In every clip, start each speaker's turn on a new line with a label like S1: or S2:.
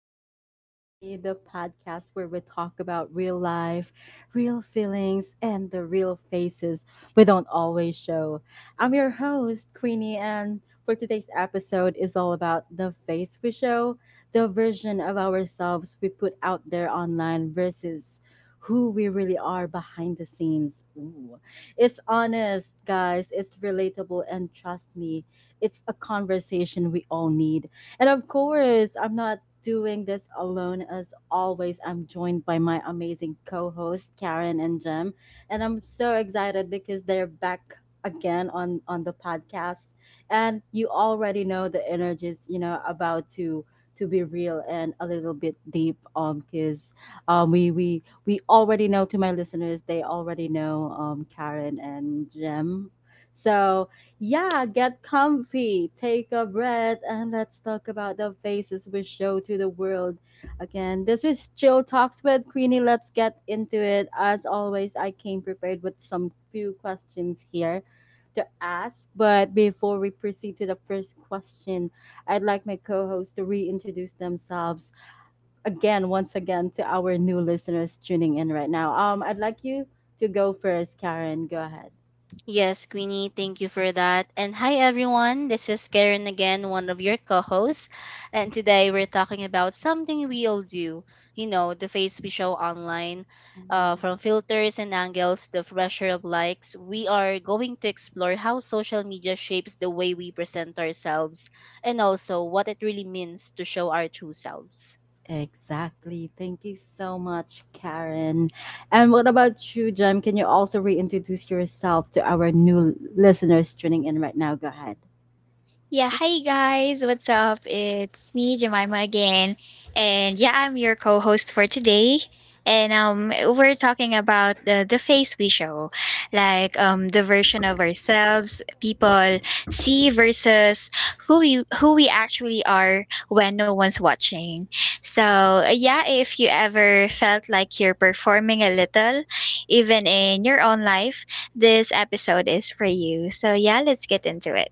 S1: Talks with Queenie, the podcast where we talk about real life, real feelings, and the real faces we don't always show. I'm your host, Queenie, and for today's episode is all about the face we show, the version of ourselves we put out there online versus who we really are behind the scenes. Ooh. It's honest, guys, it's relatable, and trust me, it's a conversation we all need. And of course, I'm not doing this alone. As always, I'm joined by my amazing co host, Karen and Jem. And I'm so excited because they're back again on the podcast, and you already know the energies, you know, about to be real and a little bit deep because we already know, to my listeners, they already know Karen and Jem. So yeah, get comfy, take a breath, and let's talk about the faces we show to the world. Again, this is Chill Talks with Queenie. Let's get into it. As always, I came prepared with some few questions here to ask. But before we proceed to the first question, I'd like my co host to reintroduce themselves again, once again, to our new listeners tuning in right now. I'd like you to go first, Karen. Go ahead.
S2: Yes, Queenie, thank you for that. And hi, everyone. This is Karen again, one of your co hosts. And today we're talking about something we all do, the face we show online. From filters and angles, the pressure of likes, we are going to explore how social media shapes the way we present ourselves, and also what it really means to show our true selves.
S1: Exactly. Thank you so much, Karen. And what about you, Jem? Can you also reintroduce yourself to our new listeners tuning in right now? Go ahead.
S3: Yeah,
S1: Yep.
S3: hi guys, what's up? It's me, Jemima again. And yeah, I'm your co host for today. And we're talking about the face we show, like the version of ourselves people see versus who we actually are when no one's watching. So yeah, if you ever felt like you're performing a little, even in your own life, this episode is for you. So yeah, let's get into it.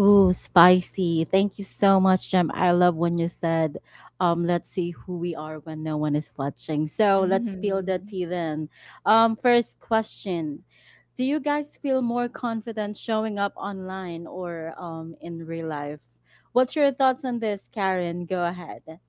S1: Ooh, spicy. Thank you so much, Jem. I love when you said, let's see who we are when no one is watching. So let's peel the
S3: Mhm.
S1: tea then. First question. Do you guys feel more confident showing up online or in real life? What's your thoughts on this, Karen? Go ahead.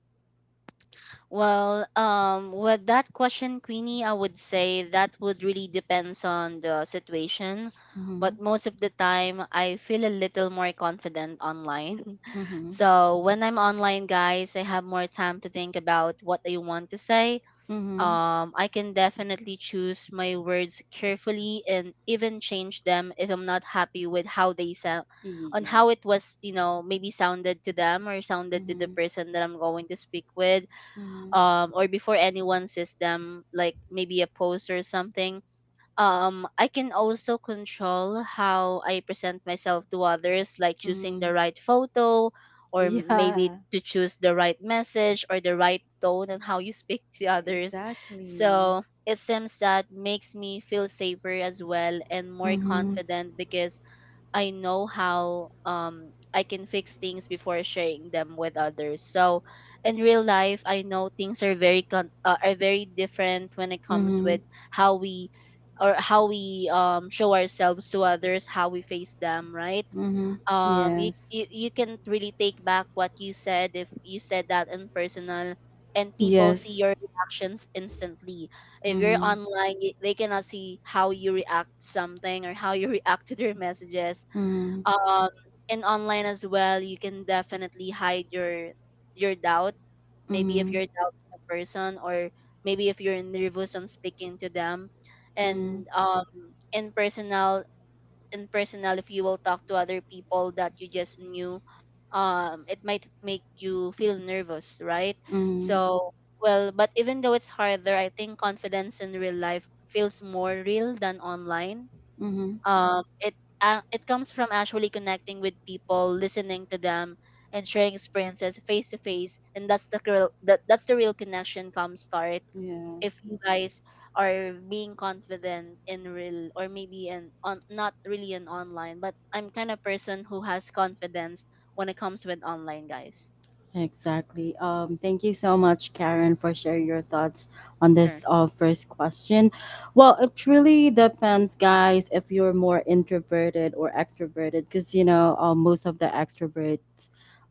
S2: Well, with that question, Queenie, I would say that would really depends on the situation.
S1: Mhm.
S2: But most of the time, I feel a little more confident online.
S1: Mhm.
S2: So when I'm online, guys, I have more time to think about what I want to say.
S1: Mhm.
S2: I can definitely choose my words carefully and even change them if I'm not happy with how they sound, on how
S1: Yes.
S2: it was, maybe sounded to them or sounded to the
S1: Mhm.
S2: person that I'm going to speak with,
S1: Mhm.
S2: or before anyone sees them, like maybe a post or something. I can also control how I present myself to others, like choosing the
S1: Mhm.
S2: right photo, or maybe
S1: Yeah.
S2: to choose the right message or the right tone and how you speak to others.
S1: Exactly.
S2: So it seems that makes me feel safer as well and more
S1: Mhm.
S2: confident, because I know how I can fix things before sharing them with others. So in real life, I know things are very are very different when it comes
S1: Mhm.
S2: with how we, or how we show ourselves to others, how we face them, right?
S1: Mhm. Yes.
S2: You can not really take back what you said if you said that in personal, and people see
S1: Yes.
S2: your reactions instantly. If you're
S1: Mhm.
S2: online, they cannot see how you react to something or how you react to their messages.
S1: Mhm.
S2: um and online as well, you can definitely hide your doubt, maybe if
S1: Mhm.
S2: you're doubting a person, or maybe if you're nervous on speaking to them.
S1: Mhm.
S2: And in personal in personal, if you will talk to other people that you just knew, it might make you feel nervous, right?
S1: Mhm.
S2: So, well, but even though it's harder, I think confidence in real life feels more real than online.
S1: Mhm.
S2: um, it it comes from actually connecting with people, listening to them, and sharing experiences face to face. And that's the real, that's the real connection come start.
S1: Yeah.
S2: If you guys are being confident in real, or maybe in on, not really in online, but I'm kind of person who has confidence when it comes with online, guys.
S1: Exactly. Thank you so much, Karen, for sharing your thoughts on this
S2: Sure.
S1: first question. Well, it really depends, guys, if you're more introverted or extroverted, because you know, most of the extrovert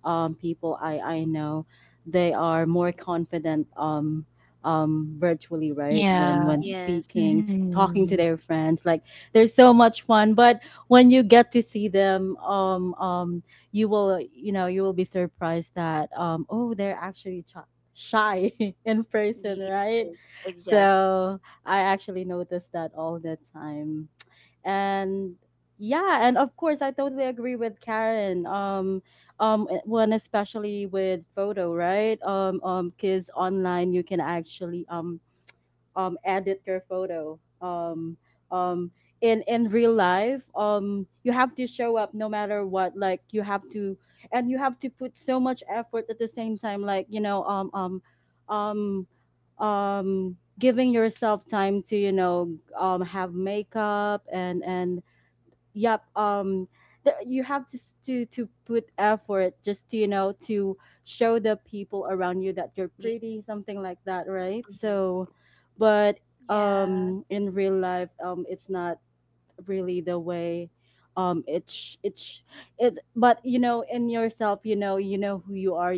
S1: people I know, they are more confident virtually, right? When
S3: Yeah.
S2: Yes.
S1: speaking, talking
S2: Mhm.
S1: to
S3: Mhm.
S1: their friends, like there's so much fun. But when you get to see them you will, you know, you will be surprised that oh, they're actually shy in person,
S2: Yes.
S1: right?
S2: Exactly.
S1: So I actually noticed that all the time. And yeah, and of course I totally agree with Karen. One especially with photo, right? Because online you can actually edit your photo. Um, in real life, you have to show up no matter what. Like you have to, and you have to put so much effort at the same time. Like you know, um, giving yourself time to, you know, have makeup and yep the, you have to to put effort just to, you know, to show the people around you that you're pretty, something like that, right? So but
S3: Yeah.
S1: in real life, it's not really the way. um it's it's it's but you know, in yourself, you know, you know who you are,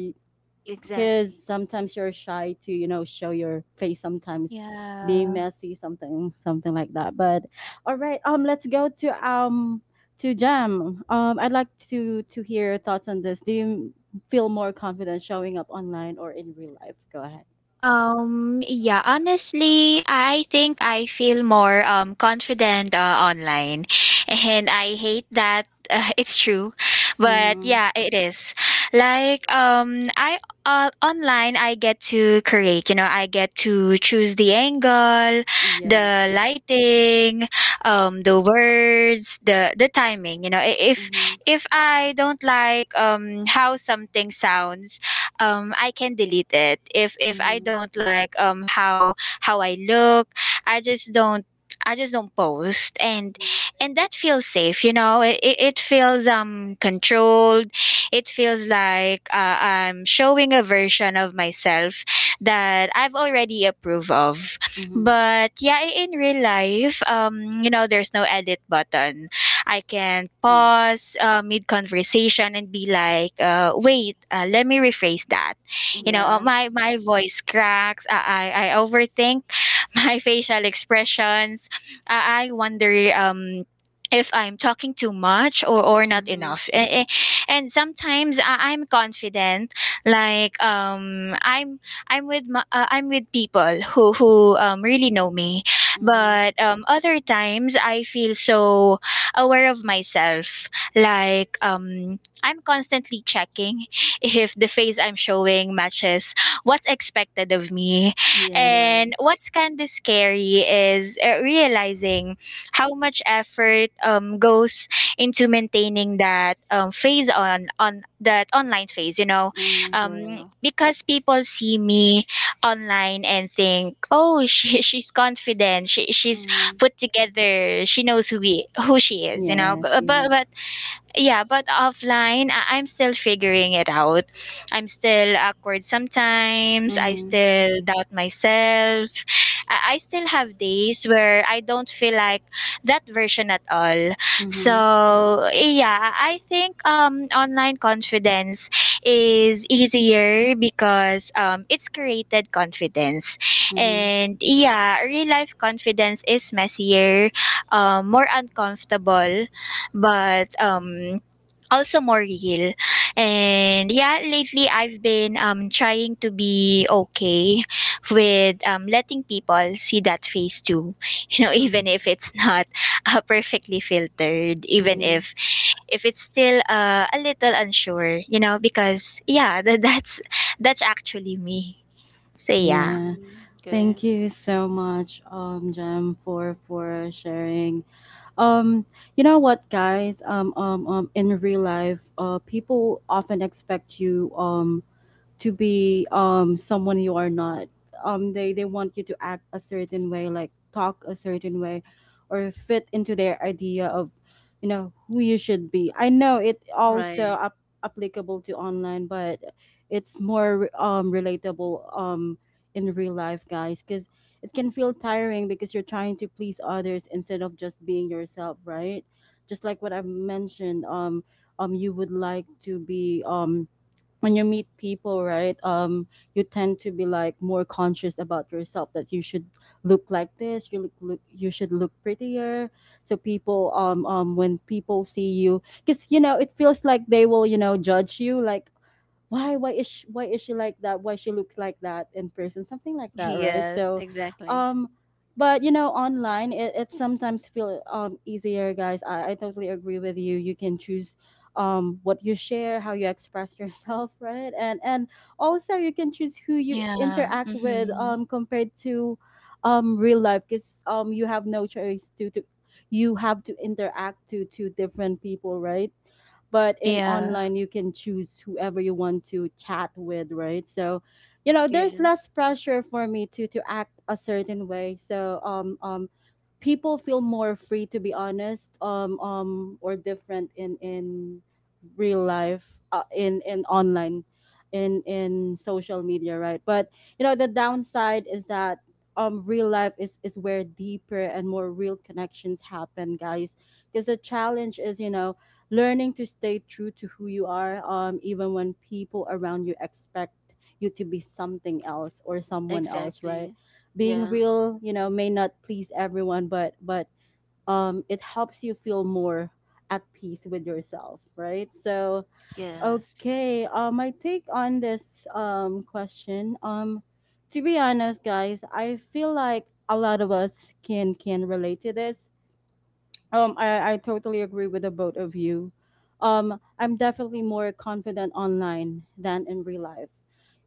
S1: because
S2: Exactly.
S1: sometimes you're shy to, you know, show your face sometimes, being
S3: Yeah.
S1: messy, something something like that. But all right, let's go to Jam. I'd like to hear your thoughts on this. Do you feel more confident showing up online or in real life? Go ahead.
S3: Yeah, honestly, I think I feel more confident online. And I hate that it's true. But
S1: Mm-hmm.
S3: yeah, it is. Like I online I get to create, you know, I get to choose the angle, the
S1: Yes.
S3: lighting, the words, the timing, you know. I- If
S1: Mm-hmm.
S3: if I don't like how something sounds, I can delete it. If I
S1: Mm-hmm.
S3: don't like how I look, I just don't post, and
S1: Mm-hmm.
S3: that feels safe, you know. It feels controlled. It feels like I'm showing a version of myself that I've already approved of.
S1: Mm-hmm.
S3: But yeah, in real life, you know, there's no edit button. I can
S1: Yes.
S3: pause mid conversation and be like, "Wait, let me rephrase that." You know,
S1: Mm-hmm.
S2: Yes.
S3: my voice cracks. I overthink my facial expressions. I wonder if I'm talking too much or not
S1: Mm-hmm.
S3: enough. And sometimes I'm confident, like I'm with my, I'm with people who really know me,
S1: Mm-hmm.
S3: but other times I feel so aware of myself. Like I'm constantly checking if the face I'm showing matches what's expected of me.
S1: Yes.
S3: And
S2: Yes.
S3: what's kind of scary is realizing how much effort goes into maintaining that phase on that online phase, you know.
S1: Mm-hmm.
S2: Yes.
S3: Because people see me online and think, "Oh, she's confident. She she's
S1: Mm-hmm.
S3: put together. She knows who we who she is, you know."
S1: Yes,
S3: But,
S1: yes.
S3: yeah, but offline I'm still figuring it out. I'm still awkward sometimes. I
S1: Mm-hmm.
S3: still doubt myself. I still have days where I don't feel like that version at all.
S1: Mm-hmm.
S3: So yeah, I think online confidence is easier because it's created confidence,
S1: Mhm,
S3: and yeah, real life confidence is messier, more uncomfortable, but also more real. And yeah, lately I've been trying to be okay with letting people see that face too. You know, even
S2: Mhm.
S3: if it's not perfectly filtered, even
S1: mhm.
S3: if it's still a little unsure, you know, because yeah, that's actually me. So yeah.
S1: Yeah.
S2: Mm,
S1: Thank
S2: okay.
S1: you so much, Jem, for sharing. Um, you know what, guys? In real life, people often expect you, to be someone you are not. They want you to act a certain way, like talk a certain way, or fit into their idea of, you know, who you should be. I know it also
S2: Right.
S1: applicable to online, but it's more relatable in real life, guys, because it can feel tiring because you're trying to please others instead of just being yourself, right? Just like what I've mentioned, you would like to be when you meet people, right? You tend to be like more conscious about yourself, that you should look like this, you look, you should look prettier, so people when people see you, because you know it feels like they will, you know, judge you, like why, why is she like that, why she looks like that in person, something like that, right?
S2: Yes,
S1: So
S2: exactly.
S1: um but you know, online it, it sometimes feel easier, guys. I totally agree with you. You can choose what you share, how you express yourself, right? And also you can choose who you
S3: Yeah.
S1: interact with,
S3: Mm-hmm.
S1: compared to real life, because you have no choice to you have to interact to different people, right? But in
S3: Yeah.
S1: online you can choose whoever you want to chat with, right? So you know, there's less
S2: Yes,
S1: pressure for me to act a certain way. So people feel more free to be honest, or different in real life, in online, in social media, right? But you know, the downside is that real life is where deeper and more real connections happen, guys, because the challenge is, you know, learning to stay true to who you are even when people around you expect you to be something else or someone else, right?
S2: exactly.
S1: Being
S2: Yeah,
S1: real, you know, may not please everyone, but it helps you feel more at peace with yourself, right? So
S2: yes.
S1: okay, my take on this question. To be honest, guys, I feel like a lot of us can relate to this. I totally agree with the both of you. I'm definitely more confident online than in real life.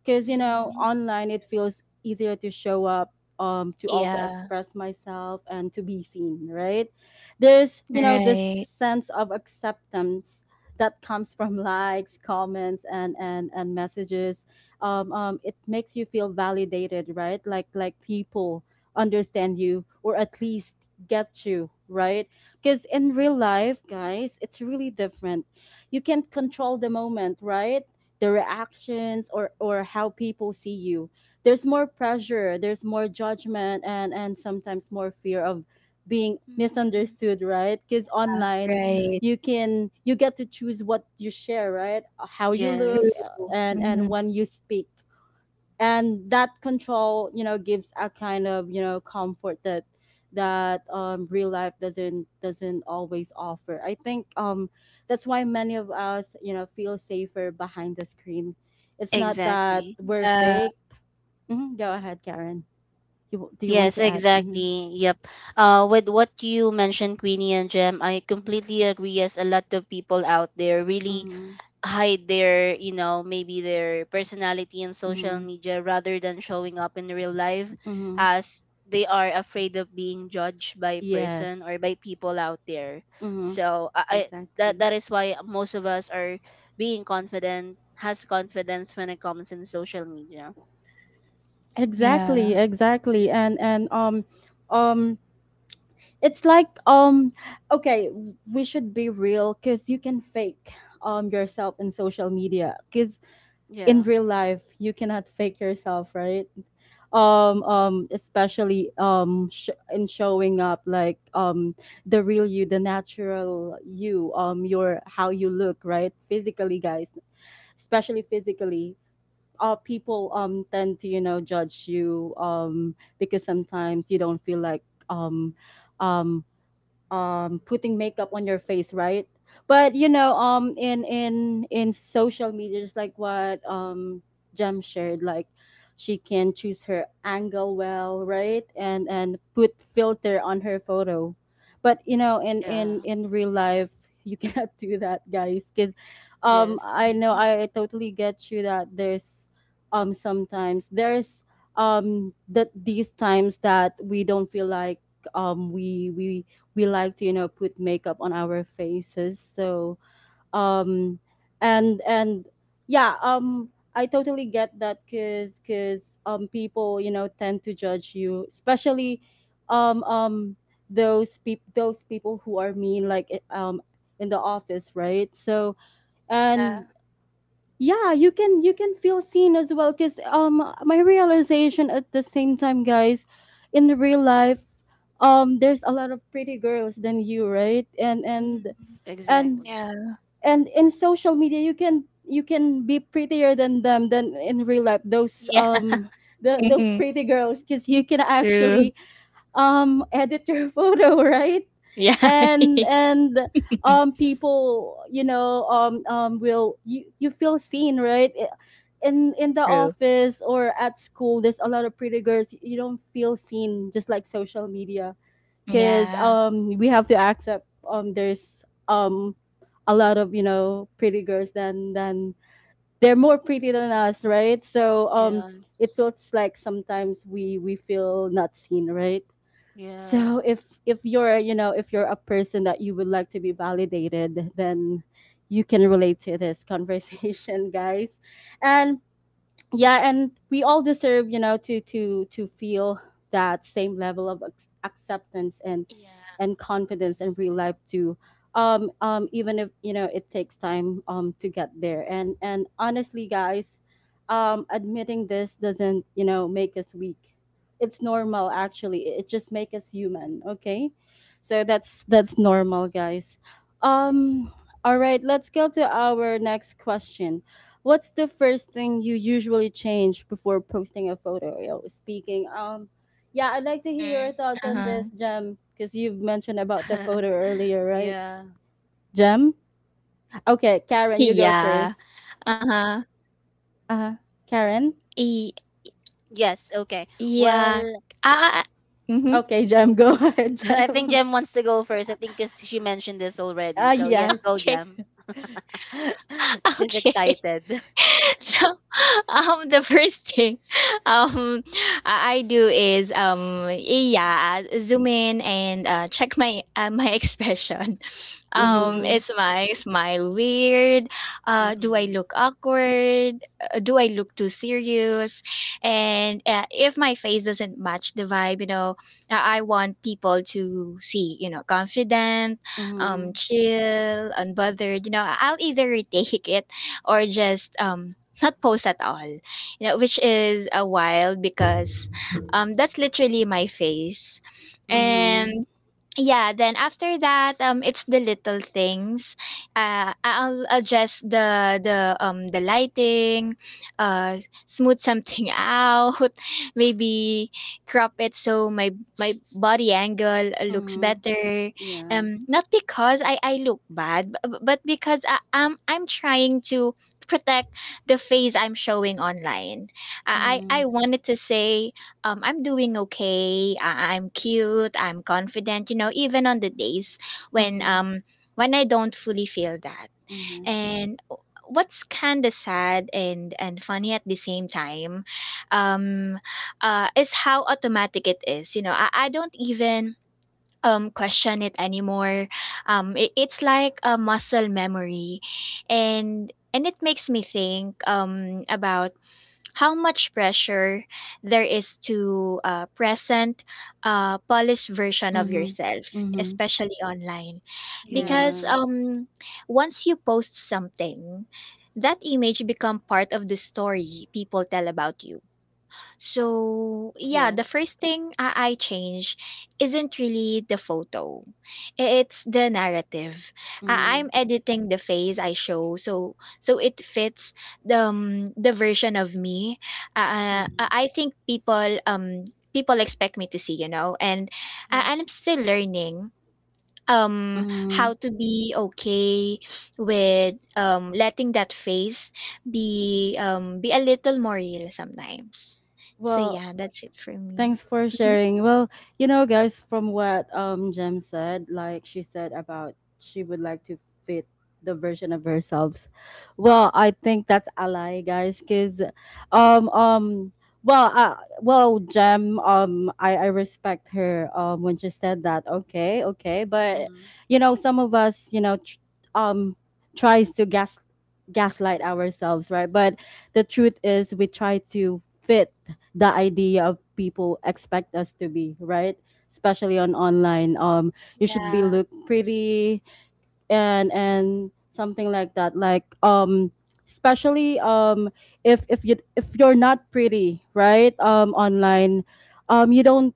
S1: Because, you
S3: Hmm.
S1: know,
S2: Mhm.
S1: online it feels easier to show up, to also
S3: Yeah.
S1: express myself and to be seen, right? There's, you know, this
S3: Right.
S1: sense of acceptance that comes from likes, comments, and messages. It makes you feel validated, right? Like people understand you, or at least get you, right? Because in real life, guys, it's really different. You can't control the moment, right? The reactions, or how people see you. There's more pressure, there's more judgment, and sometimes more fear of being
S3: Hmm.
S1: misunderstood, right? Because online,
S3: Right.
S1: you get to choose what you share, right? How you
S3: True.
S1: look,
S2: Yes,
S1: and
S3: Mhm.
S1: when you speak, and that control, you know, gives a kind of, you know, comfort that real life doesn't always offer, I think. That's why many of us, you know, feel safer behind the screen. It's not that
S2: exactly.
S1: we're
S3: Yeah.
S1: fake. Mhm, go ahead, Karen. You want
S2: Yes,
S1: to add? Mm-hmm.
S2: exactly. Yep. With what you mentioned, Queenie and Jem, I completely agree. As a lot of people out there really
S1: Mm-hmm.
S2: hide their, maybe their personality in social
S1: Mm-hmm.
S2: media rather than showing up in real life,
S1: Mm-hmm.
S2: as they are afraid of being judged by person
S1: Yes.
S2: or by people out there.
S1: Mm-hmm.
S2: So I that
S1: exactly
S2: that is why most of us are being confident, has confidence when it comes in social media.
S3: Yeah.
S1: exactly, and um it's like, okay, we should be real, because you can fake yourself in social media, because in
S2: Yeah.
S1: real life you cannot fake yourself, right? Especially in showing up, like, the real you, the natural you, your how you look, right, physically, guys. Especially physically, people tend to, you know, judge you, because sometimes you don't feel like um putting makeup on your face, right? But you know, in social media, just like what Jem shared, like she can choose her angle well, right? And put filter on her photo. But you know,
S2: Yeah.
S1: in real life you cannot do that, guys, because
S2: Yes.
S1: I know I totally get you that there's sometimes there's that these times that we don't feel like um we we we like to, you know, put makeup on our faces. So um and yeah, I totally get that because people, you know, tend to judge you, especially um um those people who are mean, like in the office, right? So
S3: Yeah.
S1: and yeah, you can feel seen as well, because my realization at the same time, guys, in the real life, there's a lot of pretty girls than you, right? and
S3: Mhm.
S1: and and
S2: Exactly.
S3: Yeah.
S1: and in social media you can be prettier than them, than in real life.
S3: Yeah.
S1: Those
S3: Mhm.
S1: pretty girls, because you can
S3: True.
S1: actually edit your photo, right?
S3: Yeah.
S1: And people, you know, will you you feel seen, right? In the
S3: True.
S1: office or at school There's a lot of pretty girls, you don't feel seen just like social media because
S3: Yeah.
S1: we have to accept there's a lot of pretty girls than they're more pretty than us, right? So um, it
S2: Yes.
S1: feels like sometimes we feel not seen, right?
S2: Yeah.
S1: So if you're you know if you're a person that you would like to be validated, then you can relate to this conversation, guys. And yeah, and we all deserve you know to to feel that same level of acceptance
S3: Yeah.
S1: and confidence in real life too. Even if you know it takes time to get there, and honestly guys, admitting this doesn't you know make us weak. It's normal, actually. It just makes us human, okay? So that's normal, guys. um
S3: Right.
S1: all right, let's go to our next question. What's the first thing you usually change before posting a photo? Yo, speaking. Yeah, I'd like to hear your
S3: Mhm.
S1: thoughts on this,
S3: Uh-huh.
S1: Jem, because you've mentioned about the photo earlier, right?
S2: Yeah.
S1: Jem? Okay, Karen, you go
S3: Yeah.
S1: first.
S3: Uh-huh.
S1: Uh-huh. Karen?
S3: E-
S2: Yes, okay.
S3: yeah.
S2: Well,
S3: Ah. Mm-hmm.
S1: Okay, Jem, go ahead,
S2: I think
S1: Jem.
S2: Jem wants to go first. I think because she mentioned this already.
S1: Ah,
S2: So yes,
S1: yes.
S2: go
S3: Okay.
S2: Jem. She's
S3: Okay.
S2: excited.
S3: So the first thing um I do is yeah, zoom in and check my expression.
S2: Mhm.
S1: Mm-hmm.
S3: Is my smile weird? Do I
S2: Mhm.
S3: look awkward? Do I look too serious? And if my face doesn't match the vibe, you know, I want people to see, you know, confident,
S1: Mm-hmm.
S3: chill, unbothered, you know. I'll either retake it or just not post at all, you know, which is a wild, because that's literally my face.
S2: Mhm.
S1: Mm-hmm.
S3: And yeah, then after that, it's the little things. I'll adjust the lighting. uh Smooth something out, maybe crop it so my body angle looks
S1: Mm-hmm.
S3: better.
S1: Yeah.
S3: Not because I look bad, but because I'm trying to protect the face I'm showing online.
S1: Mm-hmm.
S3: I wanted to say I'm doing okay. I'm cute. I'm confident. You know, even on the days when
S1: Mm-hmm.
S3: um when I don't fully feel that.
S1: Mm-hmm.
S3: And what's kind of sad and funny at the same time, um, is how automatic it is. You know, I don't even question it anymore. It's like a muscle memory, and it makes me think about how much pressure there is to present a polished version of
S1: Mm-hmm.
S3: yourself,
S1: Mm-hmm.
S3: especially online.
S2: Yeah.
S1: Yeah.
S3: Because once you post something, that image become part of the story people tell about you. So yeah, the
S2: Yes.
S3: first thing I change isn't really the photo. It's the narrative.
S1: Mm-hmm.
S3: I'm editing the face I show so it fits the version of me.
S2: Mhm.
S3: I think people expect me to see, you know. And
S2: Yes.
S3: I'm still learning
S1: Mm-hmm.
S3: how to be okay with letting that phase be a little more real sometimes. So
S1: Well,
S3: yeah, that's it for me.
S1: thanks for
S3: Hmm.
S1: sharing. Well, you know, guys, from what Jem said, like she said about she would like to fit the version of herself. Well, I think that's a lie, guys, because um um well well Jem I respect her when she said that. Okay, okay, but
S2: Mhm.
S1: you know, some of us you know um tries to gaslight ourselves, right? But the truth is, we try to fit the idea of people expect us to be, right? Especially on online. You should be
S3: Yeah.
S1: look pretty and something like that like especially if you if you're not pretty right online you don't,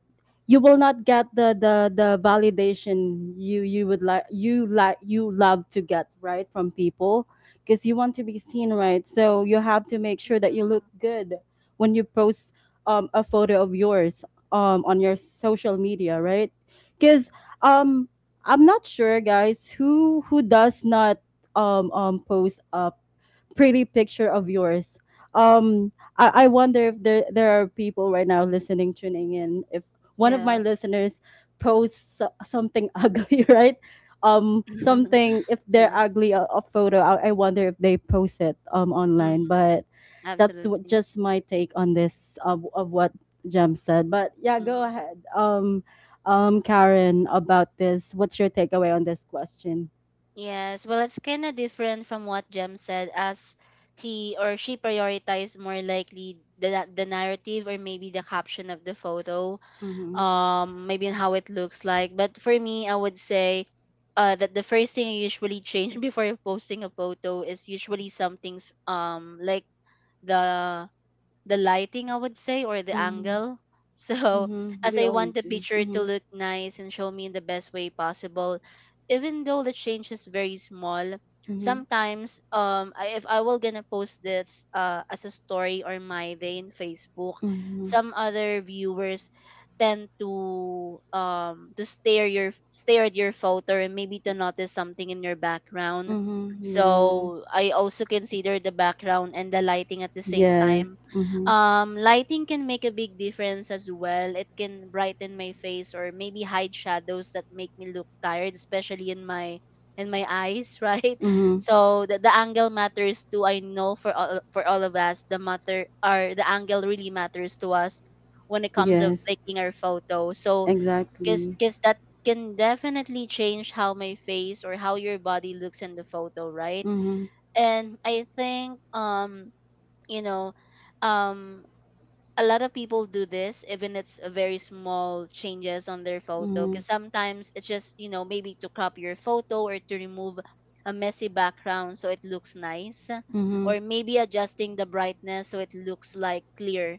S1: you will not get the the validation you would like, you like, you love to get right from people. Because you want to be seen, right? So you have to make sure that you look good when you post a photo of yours on your social media, right? Because um, I'm not sure, guys, who does not post a pretty picture of yours. I wonder if there are people right now listening, tuning in. If one of my
S2: Yeah.
S1: listeners posts something ugly, right? Something if they're
S2: Yes.
S1: ugly a photo. I wonder if they post it online.
S2: Mhm.
S1: But that's what,
S2: Absolutely.
S1: just my take on this of what Jem said. But yeah, go
S2: Mhm.
S1: ahead. Karen, about this. What's your takeaway on this question?
S2: Yes. Well, it's kind of different from what Jem said, as he or she prioritized more likely the narrative, or maybe the caption of the photo,
S1: Mm-hmm.
S2: maybe in how it looks like. But for me, I would say that the first thing I usually change before posting a photo is usually some things, like the lighting, I would say, or the
S1: Mm-hmm.
S2: angle. So
S1: Mm-hmm.
S2: as
S1: We
S2: I
S1: all
S2: want the
S1: do.
S2: picture to
S1: Mm-hmm.
S2: look nice and show me in the best way possible, even though the change is very small,
S1: Mm-hmm.
S2: sometimes, I, if I will gonna post this as a story or my day in Facebook,
S1: Mm-hmm.
S2: some other viewers tend to stare your stare at your photo and maybe to notice something in your background.
S1: Mm-hmm. Yeah.
S2: So I also consider the background and the lighting at the same time.
S1: Yes. Mm-hmm.
S2: Lighting can make a big difference as well. It can brighten my face or maybe hide shadows that make me look tired, especially in my eyes, right?
S1: Mm-hmm.
S2: So the angle matters too. I know for all, for all of us, the matter or the angle really matters to us when it comes of
S1: Yes.
S2: taking our photo. So, because
S1: Exactly.
S2: because that can definitely change how my face or how your body looks in the photo, right?
S1: Mm-hmm.
S2: And I think, you know, um a lot of people do this, even it's a very small changes on their photo,
S1: Mm-hmm.
S2: because sometimes it's just, you know, maybe to crop your photo or to remove a messy background so it looks nice,
S1: Mm-hmm.
S2: or maybe adjusting the brightness so it looks like clear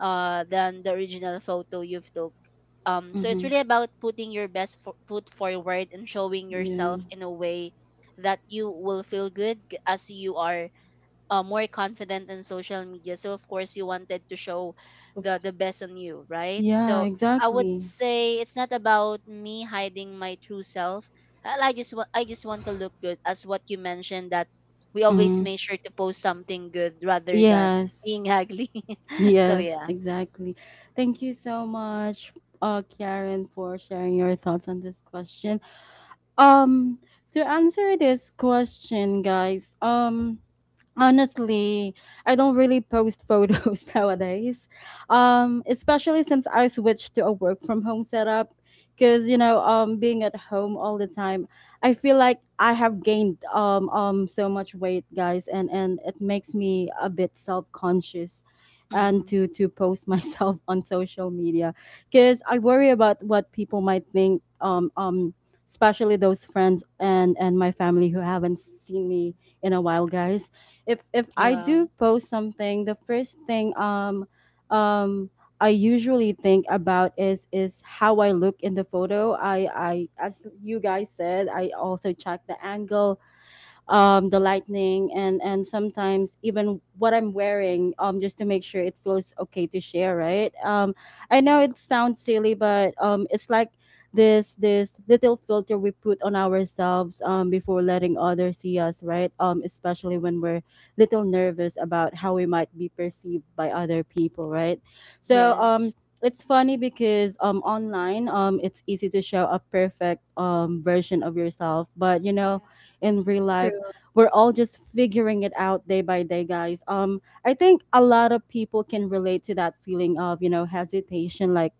S2: than the original photo you've took. So it's
S1: Mm-hmm.
S2: really about putting your best foot forward and showing
S1: Yeah.
S2: yourself in a way that you will feel good as you are more confident in social media. So of course you wanted to show
S1: Of-
S2: the best on you, right?
S1: yeah,
S2: So I would
S1: exactly.
S2: say it's not about me hiding my true self. And I just want, I just want to look good, as what you mentioned, that we always
S1: Mm.
S2: make sure to post something good rather than
S1: Yes.
S2: being ugly. So
S1: Yes,
S2: yeah.
S1: exactly. Thank you so much, Karen, for sharing your thoughts on this question. Um, to answer this question, guys, honestly, I don't really post photos nowadays. Especially since I switched to a work from home setup. Cause you know, being at home all the time, I feel like I have gained so much weight, guys, and it makes me a bit self conscious, and
S2: Hmm.
S1: to post myself on social media, cause I worry about what people might think. Especially those friends and my family who haven't seen me in a while, guys. If I
S2: Yeah.
S1: do post something, the first thing um I usually think about is how I look in the photo. I As you guys said, I also check the angle the lighting, and sometimes even what I'm wearing, just to make sure it feels okay to share. Right. I know it sounds silly, but it's like this little filter we put on ourselves before letting others see us, right? Um, especially when we're little nervous about how we might be perceived by other people, right? So
S2: Yes.
S1: it's funny because online it's easy to show a perfect version of yourself, but you
S3: Yeah.
S1: know in real
S3: True.
S1: life we're all just figuring it out day by day, guys. I think a lot of people can relate to that feeling of you know hesitation, like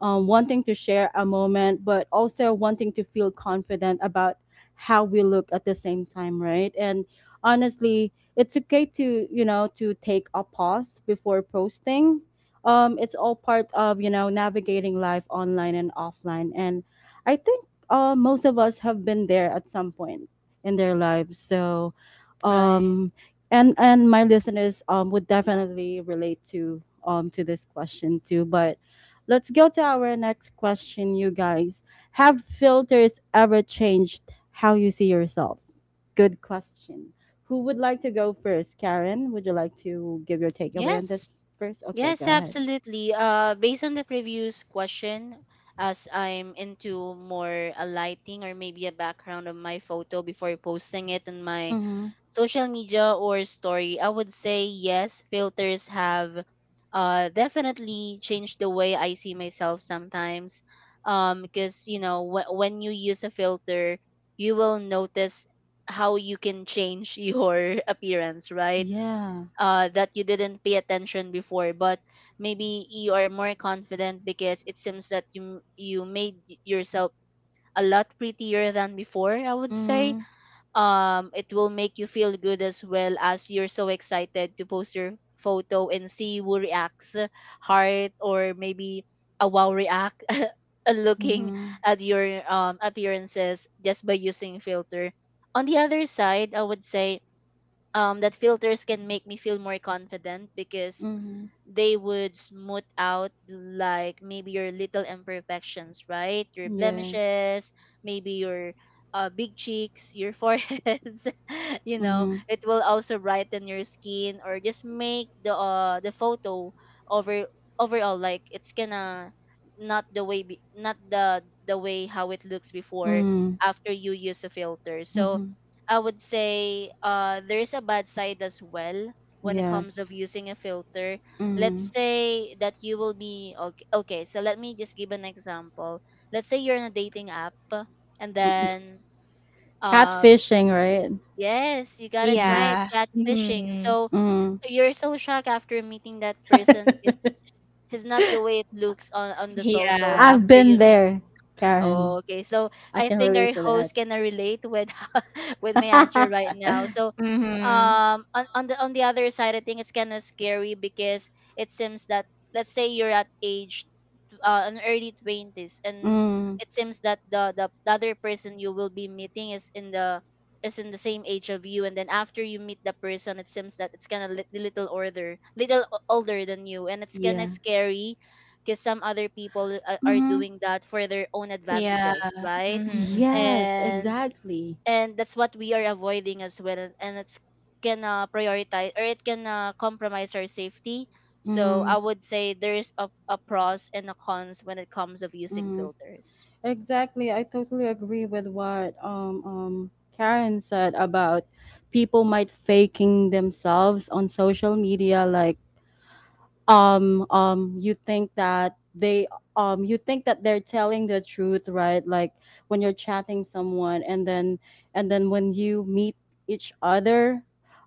S1: wanting to share a moment, but also wanting to feel confident about how we look at the same time, right? And honestly, it's okay to, you know, to take a pause before posting. It's all part of, you know, navigating life online and offline. And I think most of us have been there at some point in their lives. So,
S2: Right.
S1: um, and my listeners would definitely relate to this question too. But let's go to our next question, you guys. Have filters ever changed how you see yourself? Good question. Who would like to go first? Karen, would you like to give your takeaway on
S2: Yes,
S1: this first? Okay, go
S2: Yes,
S1: ahead.
S2: absolutely. Based on the previous question, as I'm into more a lighting or maybe a background of my photo before posting it on my
S1: Mm-hmm.
S2: social media or story, I would say yes, filters have definitely changed the way I see myself sometimes. Because, you know, when you use a filter, you will notice how you can change your appearance, right?
S1: Yeah.
S2: That you didn't pay attention before, but maybe you are more confident because it seems that you made yourself a lot prettier than before, I would say.
S1: Mm-hmm.
S2: It will make you feel good as well, as you're so excited to post your photo and see who reacts, heart or maybe a wow react. Looking
S1: Mm-hmm.
S2: at your appearances just by using filter. On the other side, I would say that filters can make me feel more confident because
S1: Mm-hmm.
S2: they would smooth out, like maybe your little imperfections, right? Your
S1: Yes.
S2: blemishes, maybe your big cheeks, your foreheads, you know,
S1: Mm-hmm.
S2: it will also brighten your skin or just make the photo over overall like, it's gonna not the way be, not the the way how it looks before,
S1: Mm-hmm.
S2: after you use a filter. So
S1: Mm-hmm.
S2: I would say there is a bad side as well when it comes
S1: Yes.
S2: of using a filter. Let's
S1: Mm-hmm.
S2: say that you will be okay, okay, so let me just give an example. Let's say you're on a dating app, and then uh
S1: Catfishing, right?
S2: yes, you got it
S1: Mm-hmm.
S2: right,
S3: Yeah.
S2: catfishing.
S3: Hmm.
S2: So
S1: Mm-hmm.
S2: you're so shocked after meeting that person, because he's not the way it looks on the photo
S3: Yeah.
S1: I've
S2: after
S1: been
S2: you
S1: there,
S2: Oh,
S1: Karen.
S2: okay, so
S1: I
S2: I
S1: can
S2: think
S1: relate
S2: our
S1: to that.
S2: host can relate with with my answer right now. So,
S3: Hmm.
S2: on the other side, I think it's kind of scary because it seems that, let's say you're at age, an early 20s, and
S1: Mm,
S2: it seems that the other person you will be meeting is in the, is in the same age of you, and then after you meet the person, it seems that it's kind of li- little older, little older than you, and it's kind of
S1: yeah.
S2: scary because some other people are
S1: Hmm.
S2: doing that for their own
S3: Yeah.
S2: advantages, right?
S3: Hmm.
S1: Yes,
S2: and
S1: exactly.
S2: and that's what we are avoiding as well, and it's can prioritize, or it can compromise our safety. So
S1: Mm,
S2: I would say there's a pros and a cons when it comes of using
S1: mm.
S2: filters.
S1: Exactly. I totally agree with what Karen said about people might faking themselves on social media, like you think that they you think that they're telling the truth, right? Like when you're chatting someone and then when you meet each other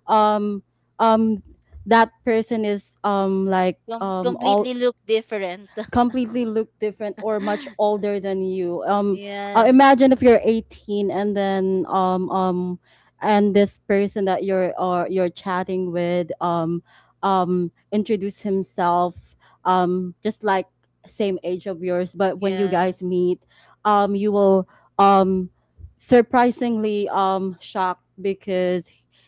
S1: um um that person is like all
S2: Completely look different.
S1: completely look different or much older than you.
S2: Yes,
S1: Imagine if you're 18 and then and this person that you're or you're chatting with introduce himself just like same age of yours, but when you guys
S2: yes.
S1: meet, you will um surprisingly shocked, because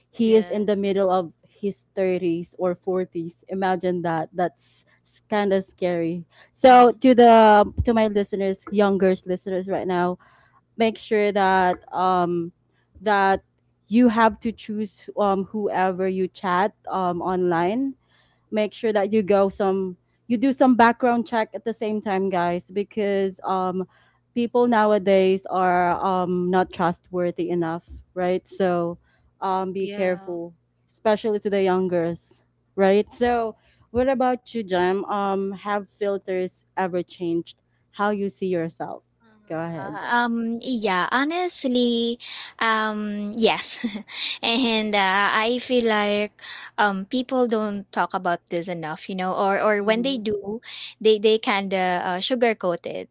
S1: he is in the
S2: Yes.
S1: middle of his 30s or 40s. Imagine that, that's kind of scary. So
S2: Mm-hmm.
S1: to the to my listeners, younger listeners right now, make sure that that you have to choose whoever you chat online. Make sure that you go some, you do some background check at the same time, guys, because people nowadays are not trustworthy enough, right? So be
S2: Yeah.
S1: careful, especially to the youngers, right? So what about you, Jam? Have filters ever changed how you see yourself? Go ahead.
S3: Yeah, honestly, yes, and I feel like people don't talk about this enough, you know, or when they
S1: Mm-hmm.
S3: do, they kind of sugarcoat it.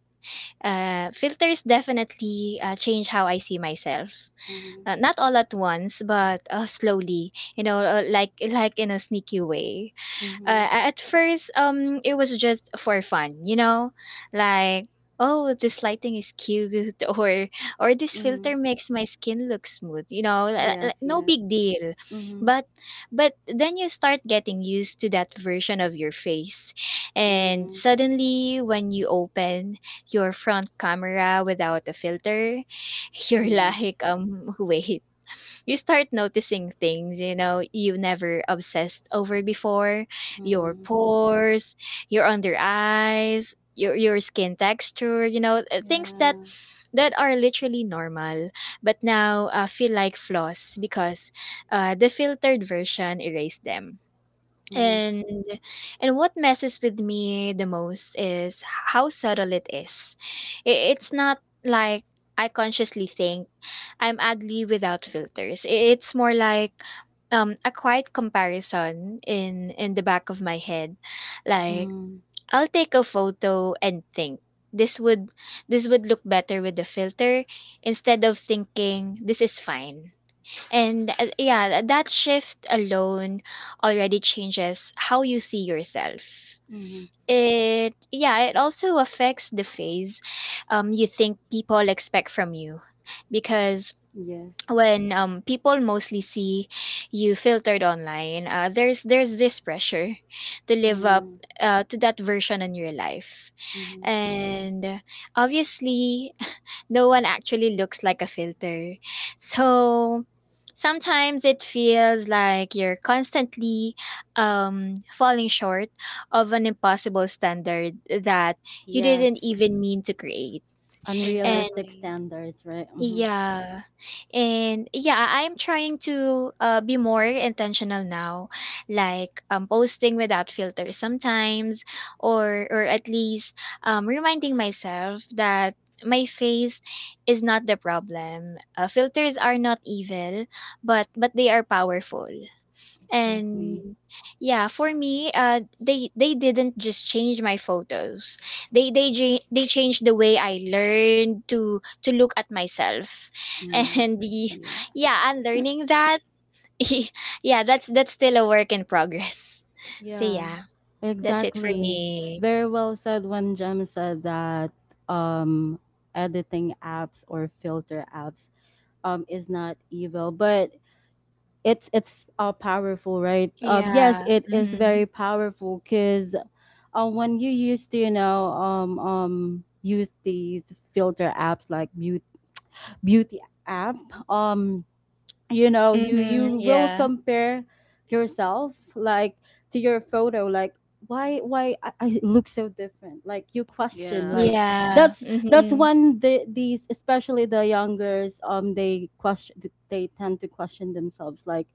S3: Filters definitely change how I see myself,
S1: Mm-hmm.
S3: not all at once, but slowly, you know, like in a sneaky way.
S1: Mm-hmm.
S3: uh, at first, it was just for fun, you know, like, oh, this lighting is cute, or or this
S1: Mm-hmm.
S3: filter makes my skin look smooth, you know,
S1: Yes,
S3: no
S1: yes.
S3: big deal.
S1: Mm-hmm.
S3: But then you start getting used to that version of your face, and
S1: Mm-hmm.
S3: suddenly when you open your front camera without a filter, you're like,
S1: Yes.
S3: wait. You start noticing things, you know, you never obsessed over before. Your
S1: Mm-hmm.
S3: pores, your under eyes, your skin texture, you know, things that
S1: Yeah.
S3: are literally normal, but now feel like flaws because the filtered version erased them.
S1: Mhm.
S3: And what messes with me the most is how subtle it is. It's not like I consciously think I'm ugly without filters. It's more like a quiet comparison in the back of my head, like
S1: Mhm.
S3: I'll take a photo and think, this would look better with the filter, instead of thinking, this is fine. And yeah, that shift alone already changes how you see yourself.
S1: Mhm.
S3: It, yeah, it also affects the phase you think people expect from you, because
S1: Yes.
S3: when people mostly see you filtered online, there's this pressure to live up
S1: Mm,
S3: to that version in your life.
S1: mhm.
S3: And obviously no one actually looks like a filter, so sometimes it feels like you're constantly falling short of an impossible standard that you didn't
S1: Yes.
S3: even mean to create.
S1: Unrealistic
S2: Exactly.
S1: standards, right? Hmm.
S3: Yeah. And yeah, I'm trying to be more intentional now, like posting without filter sometimes, or at least reminding myself that my face is not the problem. Filters are not evil, but they are powerful.
S1: Exactly.
S3: And yeah, for me, they didn't just change my photos. They changed the way I learned to look at myself,
S1: Mm.
S3: and the
S1: Yeah.
S3: yeah, and learning that yeah, that's still a work in progress. So
S1: Yeah.
S3: yeah, that's it for
S1: Exactly.
S3: me.
S1: Very well said when Jem said that um editing apps or filter apps is not evil, but it's powerful, right? Yes,
S3: Yeah.
S1: it is
S3: Mm-hmm.
S1: very powerful cuz when you used to, you know, use these filter apps like beauty app, um, you know you
S3: Mm-hmm.
S1: you will
S3: Yeah.
S1: compare yourself like to your photo like why I look so different like you question
S2: Yeah.
S1: like
S3: Yeah.
S1: that's
S3: Mm-hmm.
S1: when the these especially the youngers they question, they tend to question themselves like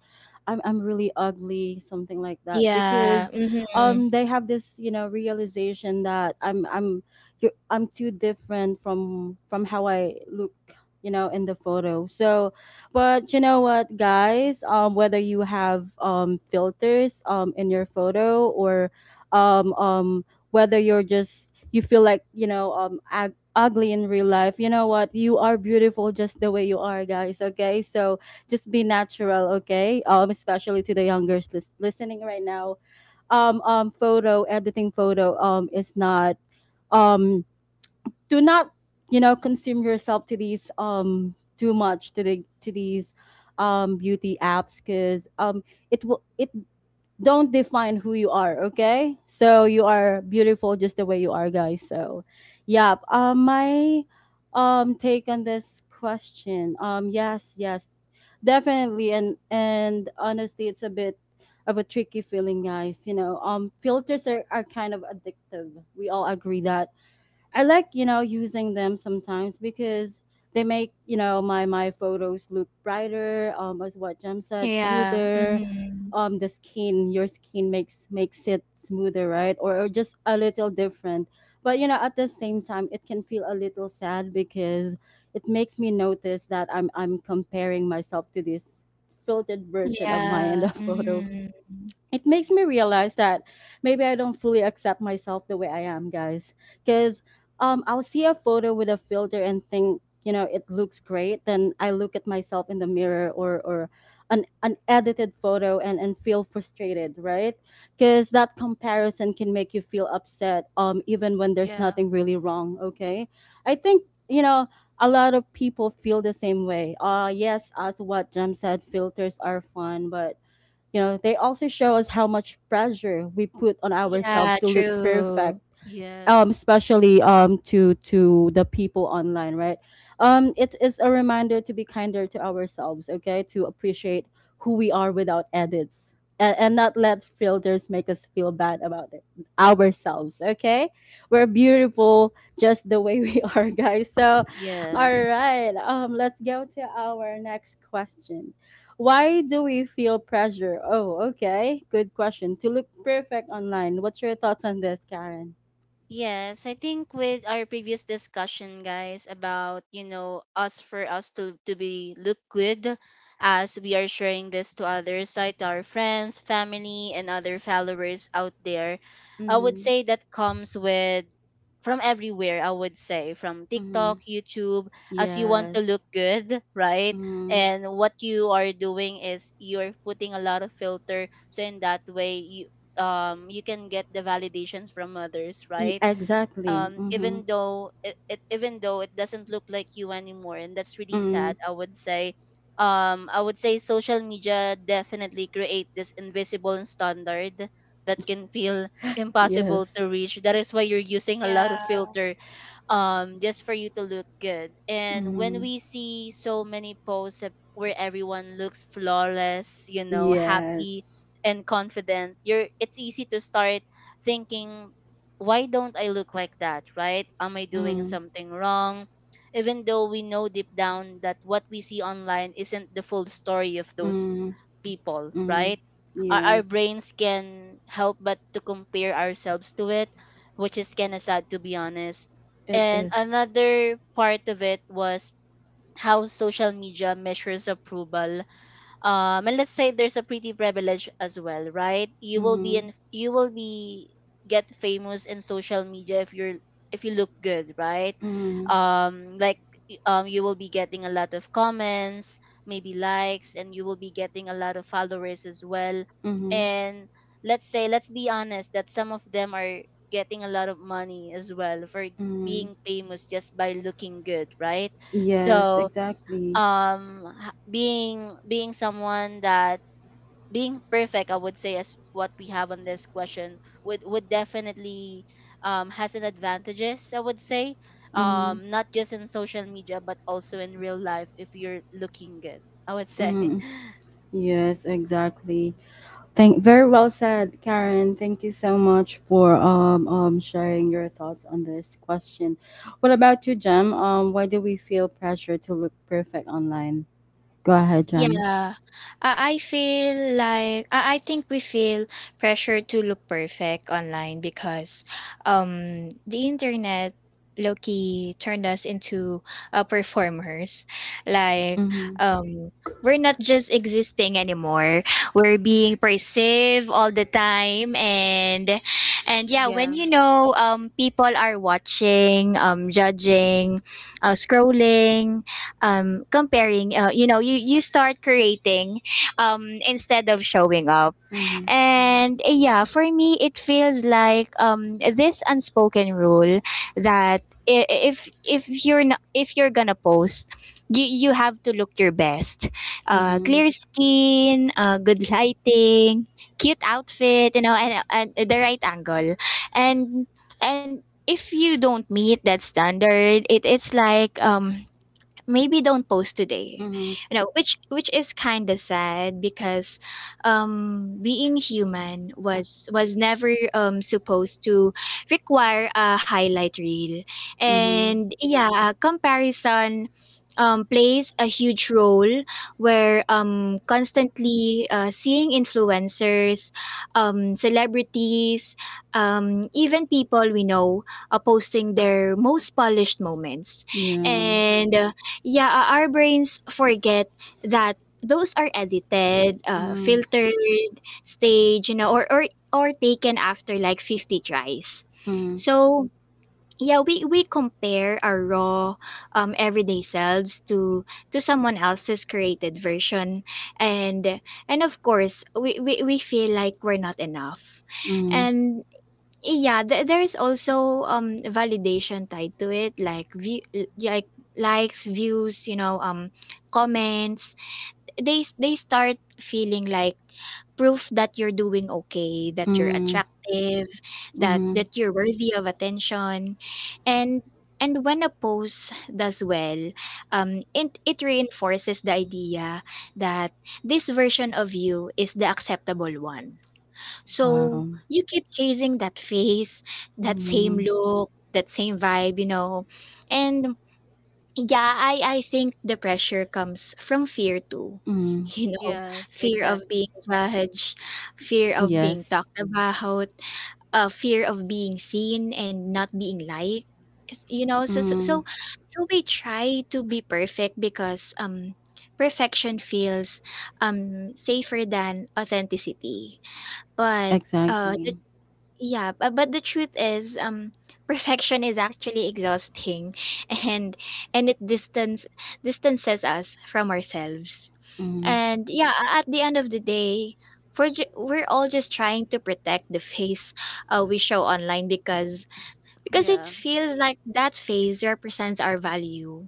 S1: I'm really ugly, something like that,
S3: Yeah.
S1: because
S3: Mm-hmm.
S1: they have this you know realization that I'm you're, I'm too different from how I look you know in the photo. So but you know what, guys? Whether you have filters in your photo or um, um, whether you're just you feel like you know ugly in real life, you know what? You are beautiful just the way you are, guys. Okay, so just be natural. Okay, especially to the youngers listening right now. Photo editing, photo is not um, do not you know consume yourself to these too much to the to these beauty apps, because it will it don't define who you are, okay? So you are beautiful just the way you are, guys. So yeah my take on this question yes, yes, definitely. And honestly it's a bit of a tricky feeling, guys. You know filters are kind of addictive, we all agree that. I like, you know, using them sometimes because they make, you know, my photos look brighter, as what Jem said,
S3: Yeah.
S1: smoother.
S3: Mm-hmm.
S1: The skin, your skin makes makes it smoother, right? Or just a little different. But you know, at the same time it can feel a little sad because it makes me notice that I'm comparing myself to this filtered version of my in
S3: Yeah.
S1: the photo.
S3: Mm-hmm.
S1: It makes me realize that maybe I don't fully accept myself the way I am, guys. Because I'll see a photo with a filter and think, you know, it looks great. Then I look at myself in the mirror or an edited photo and feel frustrated, right? Because that comparison can make you feel upset, even when there's
S2: Yeah.
S1: nothing really wrong. Okay, I think you know. A lot of people feel the same way. Yes, as what Jem said, filters are fun, but you know, they also show us how much pressure we put on ourselves
S3: Yeah,
S1: to look perfect,
S3: true.
S2: Yes.
S1: especially, to the people online, right? It's a reminder to be kinder to ourselves, okay, to appreciate who we are without edits, and not let filters make us feel bad about it, ourselves, okay. We're beautiful just the way we are, guys. So
S2: Yeah.
S1: all right, let's go to our next question. Why do we feel pressure? Oh okay, good question. To look perfect online, what's your thoughts on this, Karen?
S2: Yes, I think with our previous discussion, guys, about, you know, us, for us to be look good as we are sharing this to others, right, to our friends, family, and other followers out there. I would
S1: Mhm,
S2: say that comes with from everywhere. I would say from
S1: mhm.
S2: TikTok, YouTube, as you want to
S1: Yes.
S2: look good, right?
S1: Mhm.
S2: And what you are doing is you're putting a lot of filter, so in that way you you can get the validations from others,
S1: E-
S2: right?
S1: exactly. Mhm.
S2: Even though it doesn't look like you anymore, and that's really
S1: Mm.
S2: sad, I would say. I would say social media definitely create this invisible standard that can feel impossible
S1: Yes.
S2: to reach. That is why you're using a lot of
S3: Yeah.
S2: filter, just for you to look good. And when
S1: Mhm.
S2: we see so many posts where everyone looks flawless, you know,
S1: Yes.
S2: happy and confident, you're it's easy to start thinking, why don't I look like that, right? Am I doing
S1: Mm.
S2: something wrong? Even though we know deep down that what we see online isn't the full story of those
S1: Mm.
S2: people,
S1: Mm.
S2: right? Our
S1: Yes.
S2: brains can help but to compare ourselves to it, which is kind of sad, to be honest.
S1: It
S2: And
S1: is.
S2: another part of it was how social media measures approval. And let's say there's a pretty privilege as well, right? you will be
S1: Mhm.
S2: in you will be get famous in social media if you're, if you look good, right?
S1: Mm.
S2: um like you will be getting a lot of comments, maybe likes, and you will be getting a lot of followers as well.
S1: Mhm.
S2: And let's say, let's be honest, that some of them are getting a lot of money as well for
S1: Mm.
S2: being famous just by looking good, right?
S1: Yes,
S2: So
S1: exactly.
S2: being someone that being perfect, I would say, as what we have on this question, would definitely has an advantages, I would say,
S1: Mhm.
S2: not just in social media but also in real life, if you're looking good, I would say.
S1: Mm. Yes, exactly. Thank very well said, Karen. Thank you so much for sharing your thoughts on this question. What about you, Jem? Why do we feel pressure to look perfect online? Go ahead, Jem.
S3: Yeah. I feel like I think we feel pressure to look perfect online because the internet Loki turned us into performers. Like
S1: Mhm.
S3: um we're not just existing anymore. We're being perceived all the time, and yeah, when
S2: Yeah.
S3: you know people are watching, judging, scrolling, comparing, you know, you start creating instead of showing up.
S1: Mhm.
S3: And yeah, for me it feels like this unspoken rule that if you're not, if you're gonna post, you have to look your best,
S1: Mhm.
S3: clear skin, good lighting, cute outfit, you know, and the right angle. And if you don't meet that standard, it's like, maybe don't post today,
S1: Mhm.
S3: you know, which is kind of sad, because being human was never supposed to require a highlight reel.
S1: Mhm.
S3: And yeah, comparison plays a huge role, where constantly seeing influencers, celebrities, even people we know posting their most polished moments.
S1: Yeah.
S3: And yeah, our brains forget that those are edited,
S1: Mhm.
S3: filtered, staged, you know, or taken after like 50 tries.
S1: Mhm.
S3: So yeah, we compare our raw, everyday selves to someone else's created version, and of course we feel like we're not enough.
S1: Mhm.
S3: And yeah, there is also validation tied to it, like like likes, views, you know, comments. They start feeling like proof that you're doing okay, that you're
S1: Mhm.
S3: attractive, that
S1: Mhm.
S3: that you're worthy of attention, and when a post does well, it reinforces the idea that this version of you is the acceptable one, so
S1: Wow.
S3: you keep chasing that face, that same
S1: Mhm.
S3: look, that same vibe, you know. And yeah, I think the pressure comes from fear too.
S1: Mhm.
S3: You know,
S2: Yes,
S3: fear of being
S2: exactly.
S3: judged, fear of being
S1: Yes.
S3: talked about, fear of being seen and not being liked. It's- You know, so so so,
S1: Mhm.
S3: so we try to be perfect because perfection feels safer than authenticity, but, uh, the
S1: Exactly.
S3: but the truth is, perfection is actually exhausting, and it distances us from ourselves.
S1: Mhm.
S3: And yeah, at the end of the day, we're all just trying to protect the face we show online because it
S2: Yeah,
S3: feels like that phase represents our value.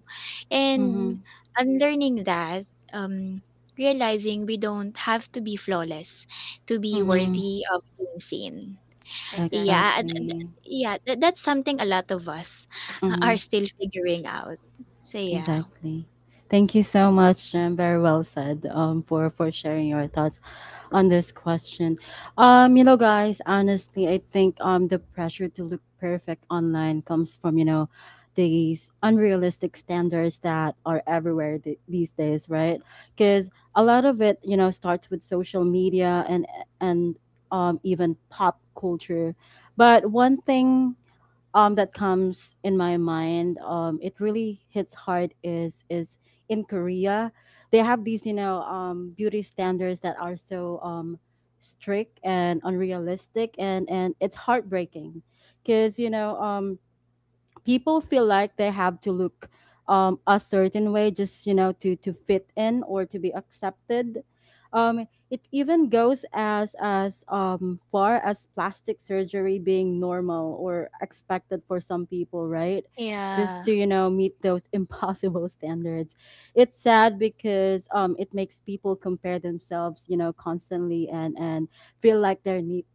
S3: And
S1: Mhm.
S3: unlearning that, um, realizing we don't have to be flawless to be
S1: Mhm.
S3: worthy of being seen. Yeah,
S2: exactly,
S3: th- th-
S1: Exactly.
S3: yeah, that's something a lot of us are
S1: Mhm.
S3: still figuring out. So yeah.
S1: Exactly. Thank you so much, Jem. Very well said. For sharing your thoughts on this question. You know, guys, honestly, I think the pressure to look perfect online comes from you know these unrealistic standards that are everywhere these days, right? Because a lot of it, you know, starts with social media and and even pop culture. But one thing that comes in my mind, it really hits hard, is in Korea they have these, you know, beauty standards that are so strict and unrealistic, and it's heartbreaking because you know, people feel like they have to look, a certain way just you know to fit in or to be accepted. It even goes as far as plastic surgery being normal or expected for some people, right? Just
S3: Yeah.
S1: to you know meet those impossible standards. It's sad because, it makes people compare themselves you know constantly and feel like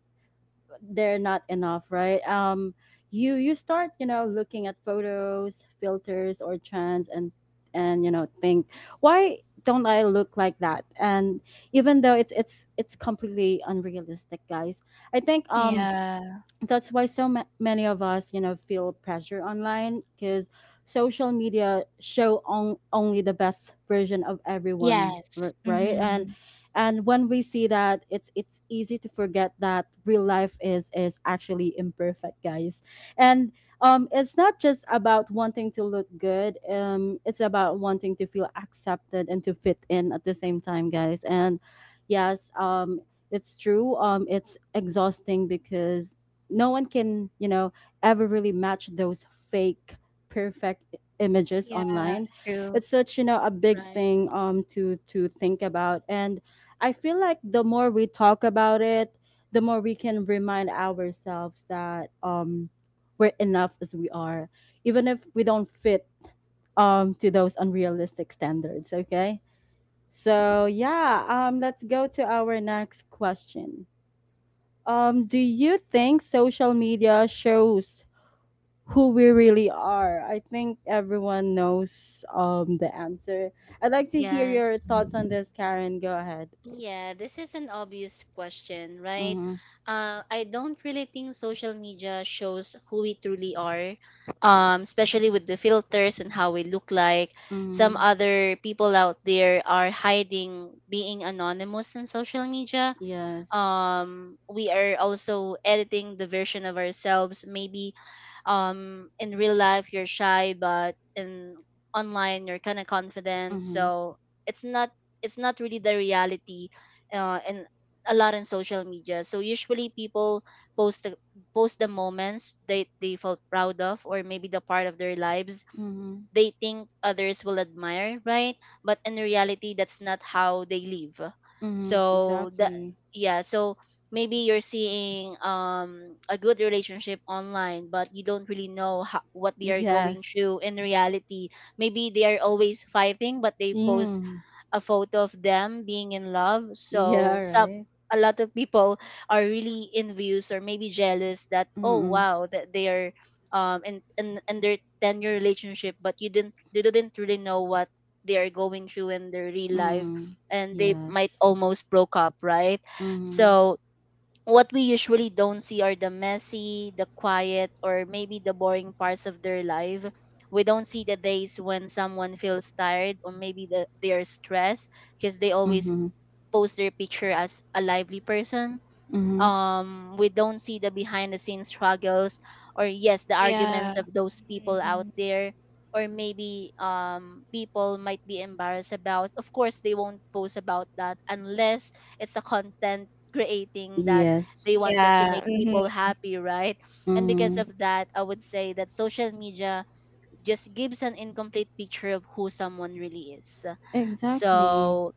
S1: they're not enough, right? You start you know looking at photos, filters, or trends, and you know think, why don't I look like that? And even though it's completely unrealistic, guys, I think
S3: Yeah.
S1: that's why so many of us you know feel pressure online because social media show only the best version of everyone,
S3: Yes.
S1: right, and
S3: Mm-hmm.
S1: when we see that, it's easy to forget that real life is actually imperfect, guys. And it's not just about wanting to look good, it's about wanting to feel accepted and to fit in at the same time, guys. And yes, it's true. It's exhausting because no one can, you know, ever really match those fake perfect images
S3: Yeah.
S1: online.
S3: True.
S1: It's such, you know, a big
S2: right.
S1: thing to think about. And I feel like the more we talk about it, the more we can remind ourselves that we're enough as we are, even if we don't fit, to those unrealistic standards, okay? So yeah, let's go to our next question. Um, do you think social media shows who we really are? I think everyone knows the answer. I'd like to hear your
S2: Yes.
S1: thoughts on this, Karen. Go ahead.
S2: Yeah, this is an obvious question, right?
S1: Mm-hmm.
S2: I don't really think social media shows who we truly are, especially with the filters and how we look like. Some
S1: Mm-hmm.
S2: other people out there are hiding, being anonymous on social media.
S1: Yes.
S2: We are also editing the version of ourselves. Maybe in real life you're shy, but in online you're kind of confident.
S1: Mm-hmm.
S2: So it's not it's not really the reality. And a lot in social media, so usually people post the post the moments that they felt proud of, or maybe the part of their lives
S1: Mm-hmm.
S2: they think others will admire, right? But in reality, that's not how they live.
S1: Mm-hmm.
S2: So
S1: Exactly.
S2: yeah, so maybe you're seeing a good relationship online, but you don't really know how, what they are going
S1: Yes.
S2: through in reality. Maybe they are always fighting, but they post
S1: Mm.
S2: a photo of them being in love. So
S1: Yeah,
S2: some
S1: right?
S2: a lot of people are really envious or maybe jealous that, oh
S1: Mm-mm.
S2: wow, that they are in their 10-year relationship, but you didn't they didn't really know what they are going through in their real life,
S1: Mm.
S2: and they might
S1: Yes.
S2: almost broke up, right?
S1: Mm-hmm.
S2: So what we usually don't see are the messy, the quiet, or maybe the boring parts of their life. We don't see the days when someone feels tired, or maybe they are stressed because they always
S1: Mm-hmm.
S2: post their picture as a lively person.
S1: Mm-hmm.
S2: We don't see the behind the scenes struggles, or yes, the
S3: Yeah.
S2: arguments of those people out
S3: Mm-hmm.
S2: there, or maybe people might be embarrassed about. Of course they won't post about that, unless it's a content creating that
S1: Yes.
S2: they wanted to
S3: Yeah.
S2: make
S3: Mm-hmm.
S2: people happy, right? And because
S1: Mm.
S2: of that, I would say that social media just gives an incomplete picture of who someone really is.
S1: Exactly.
S2: So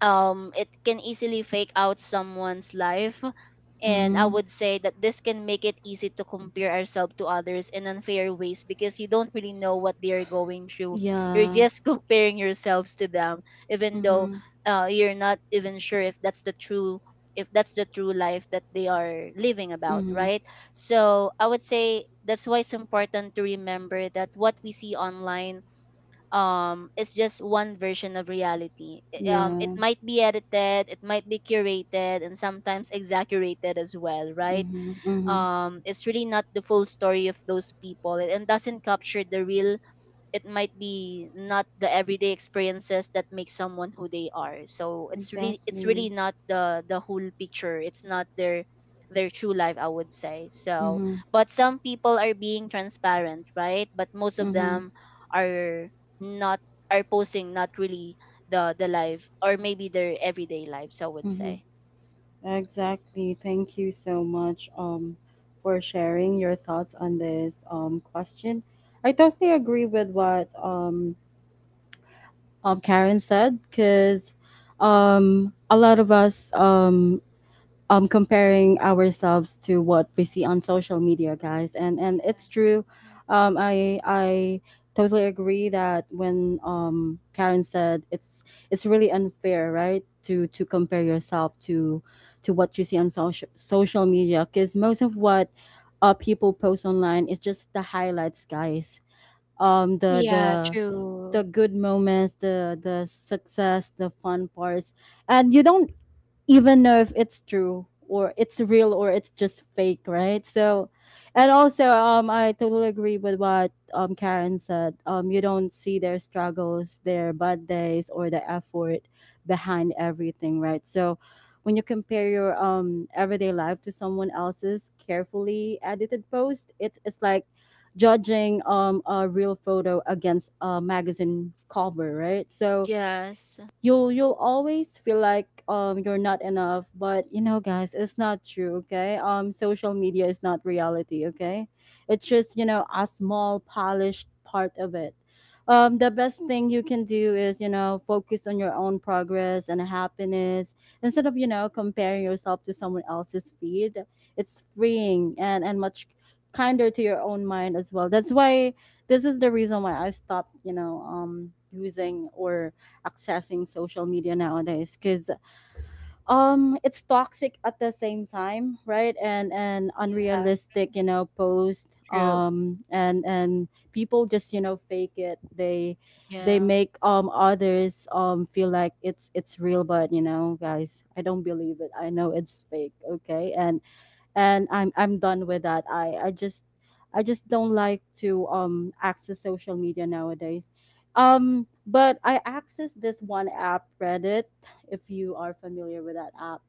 S2: it can easily fake out someone's life. And I
S1: Mm-hmm.
S2: would say that this can make it easy to compare ourselves to others in unfair ways, because you don't really know what they are going through. You're
S1: Yeah.
S2: just comparing yourselves to them, even though,
S1: Mm-hmm.
S2: you're not even sure if that's the true life that they are living about,
S1: Mm-hmm.
S2: right? So I would say that's why it's important to remember that what we see online, it's just one version of reality. It
S1: Yeah.
S2: might be edited, it might be curated, and sometimes exaggerated as well, right?
S1: Mm-hmm. Mm-hmm.
S2: It's really not the full story of those people, and doesn't capture the real. It might be not the everyday experiences that make someone who they are. So it's really, it's
S1: Exactly.
S2: really not the whole picture. It's not their, their true life, I would say. So
S1: Mm-hmm.
S2: but some people are being transparent, right? But most of
S1: Mm-hmm.
S2: them are not are posting not really the life, or maybe their everyday lives, I would
S1: Mm-hmm.
S2: say.
S1: Exactly. Thank you so much for sharing your thoughts on this question. I totally agree with what Karen said because a lot of us comparing ourselves to what we see on social media, guys, and it's true.
S3: Yeah.
S1: I totally agree that when Karen said it's really unfair, right, to compare yourself to what you see on social media because most of what people post online is just the highlights, guys. um the
S3: Yeah,
S1: the
S3: true.
S1: the good moments, the success, the fun parts, and you don't even know if it's true or it's real or it's just fake, right? So, and also, I totally agree with what Karen said. You don't see their struggles, their bad days, or the effort behind everything, right? So, when you compare your everyday life to someone else's carefully edited post, it's like judging a real photo against a magazine cover, right? So
S2: Yes.
S1: you'll always feel like you're not enough. But you know, guys, it's not true, okay? Um, social media is not reality, okay? It's just, you know, a small polished part of it. Um, the best thing you can do is, you know, focus on your own progress and happiness instead of, you know, comparing yourself to someone else's feed. It's freeing and much kinder to your own mind as well. That's why this is the reason why I stopped, you know, using or accessing social media nowadays, because it's toxic at the same time, right? And
S3: Yeah,
S1: unrealistic, you know, post,
S3: true.
S1: and people just, you know, fake it. They
S2: Yeah.
S1: make others feel like it's real. But you know, guys, I don't believe it. I know it's fake, okay? And I'm done with that. I just don't like to access social media nowadays. But I access this one app, Reddit, if you are familiar with that app.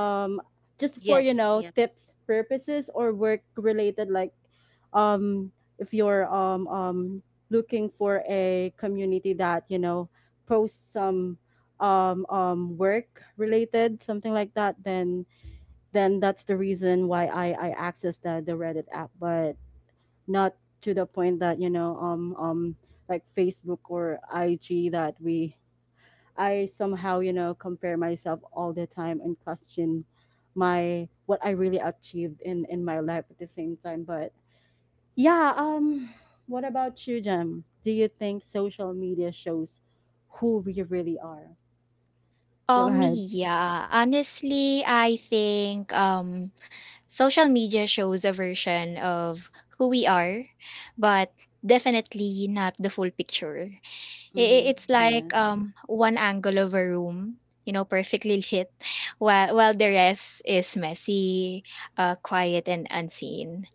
S1: Um, just for you
S2: Yes. Yeah.
S1: know tips purposes or work related, like um if you're looking for a community that you know posts some work related something like that, then that's the reason why I access the Reddit app, but not to the point that you know like Facebook or IG that we I somehow you know compare myself all the time and question my what I really achieved in my life at the same time. But yeah, what about you, Jem? Do you think social media shows who we really are? Go ahead.
S3: Yeah, honestly, I think social media shows a version of who we are, but definitely not the full picture. I i-
S1: Mm-hmm.
S3: it's like
S1: Yes.
S3: one angle of a room, you know, perfectly lit, while the rest is messy, quiet and unseen.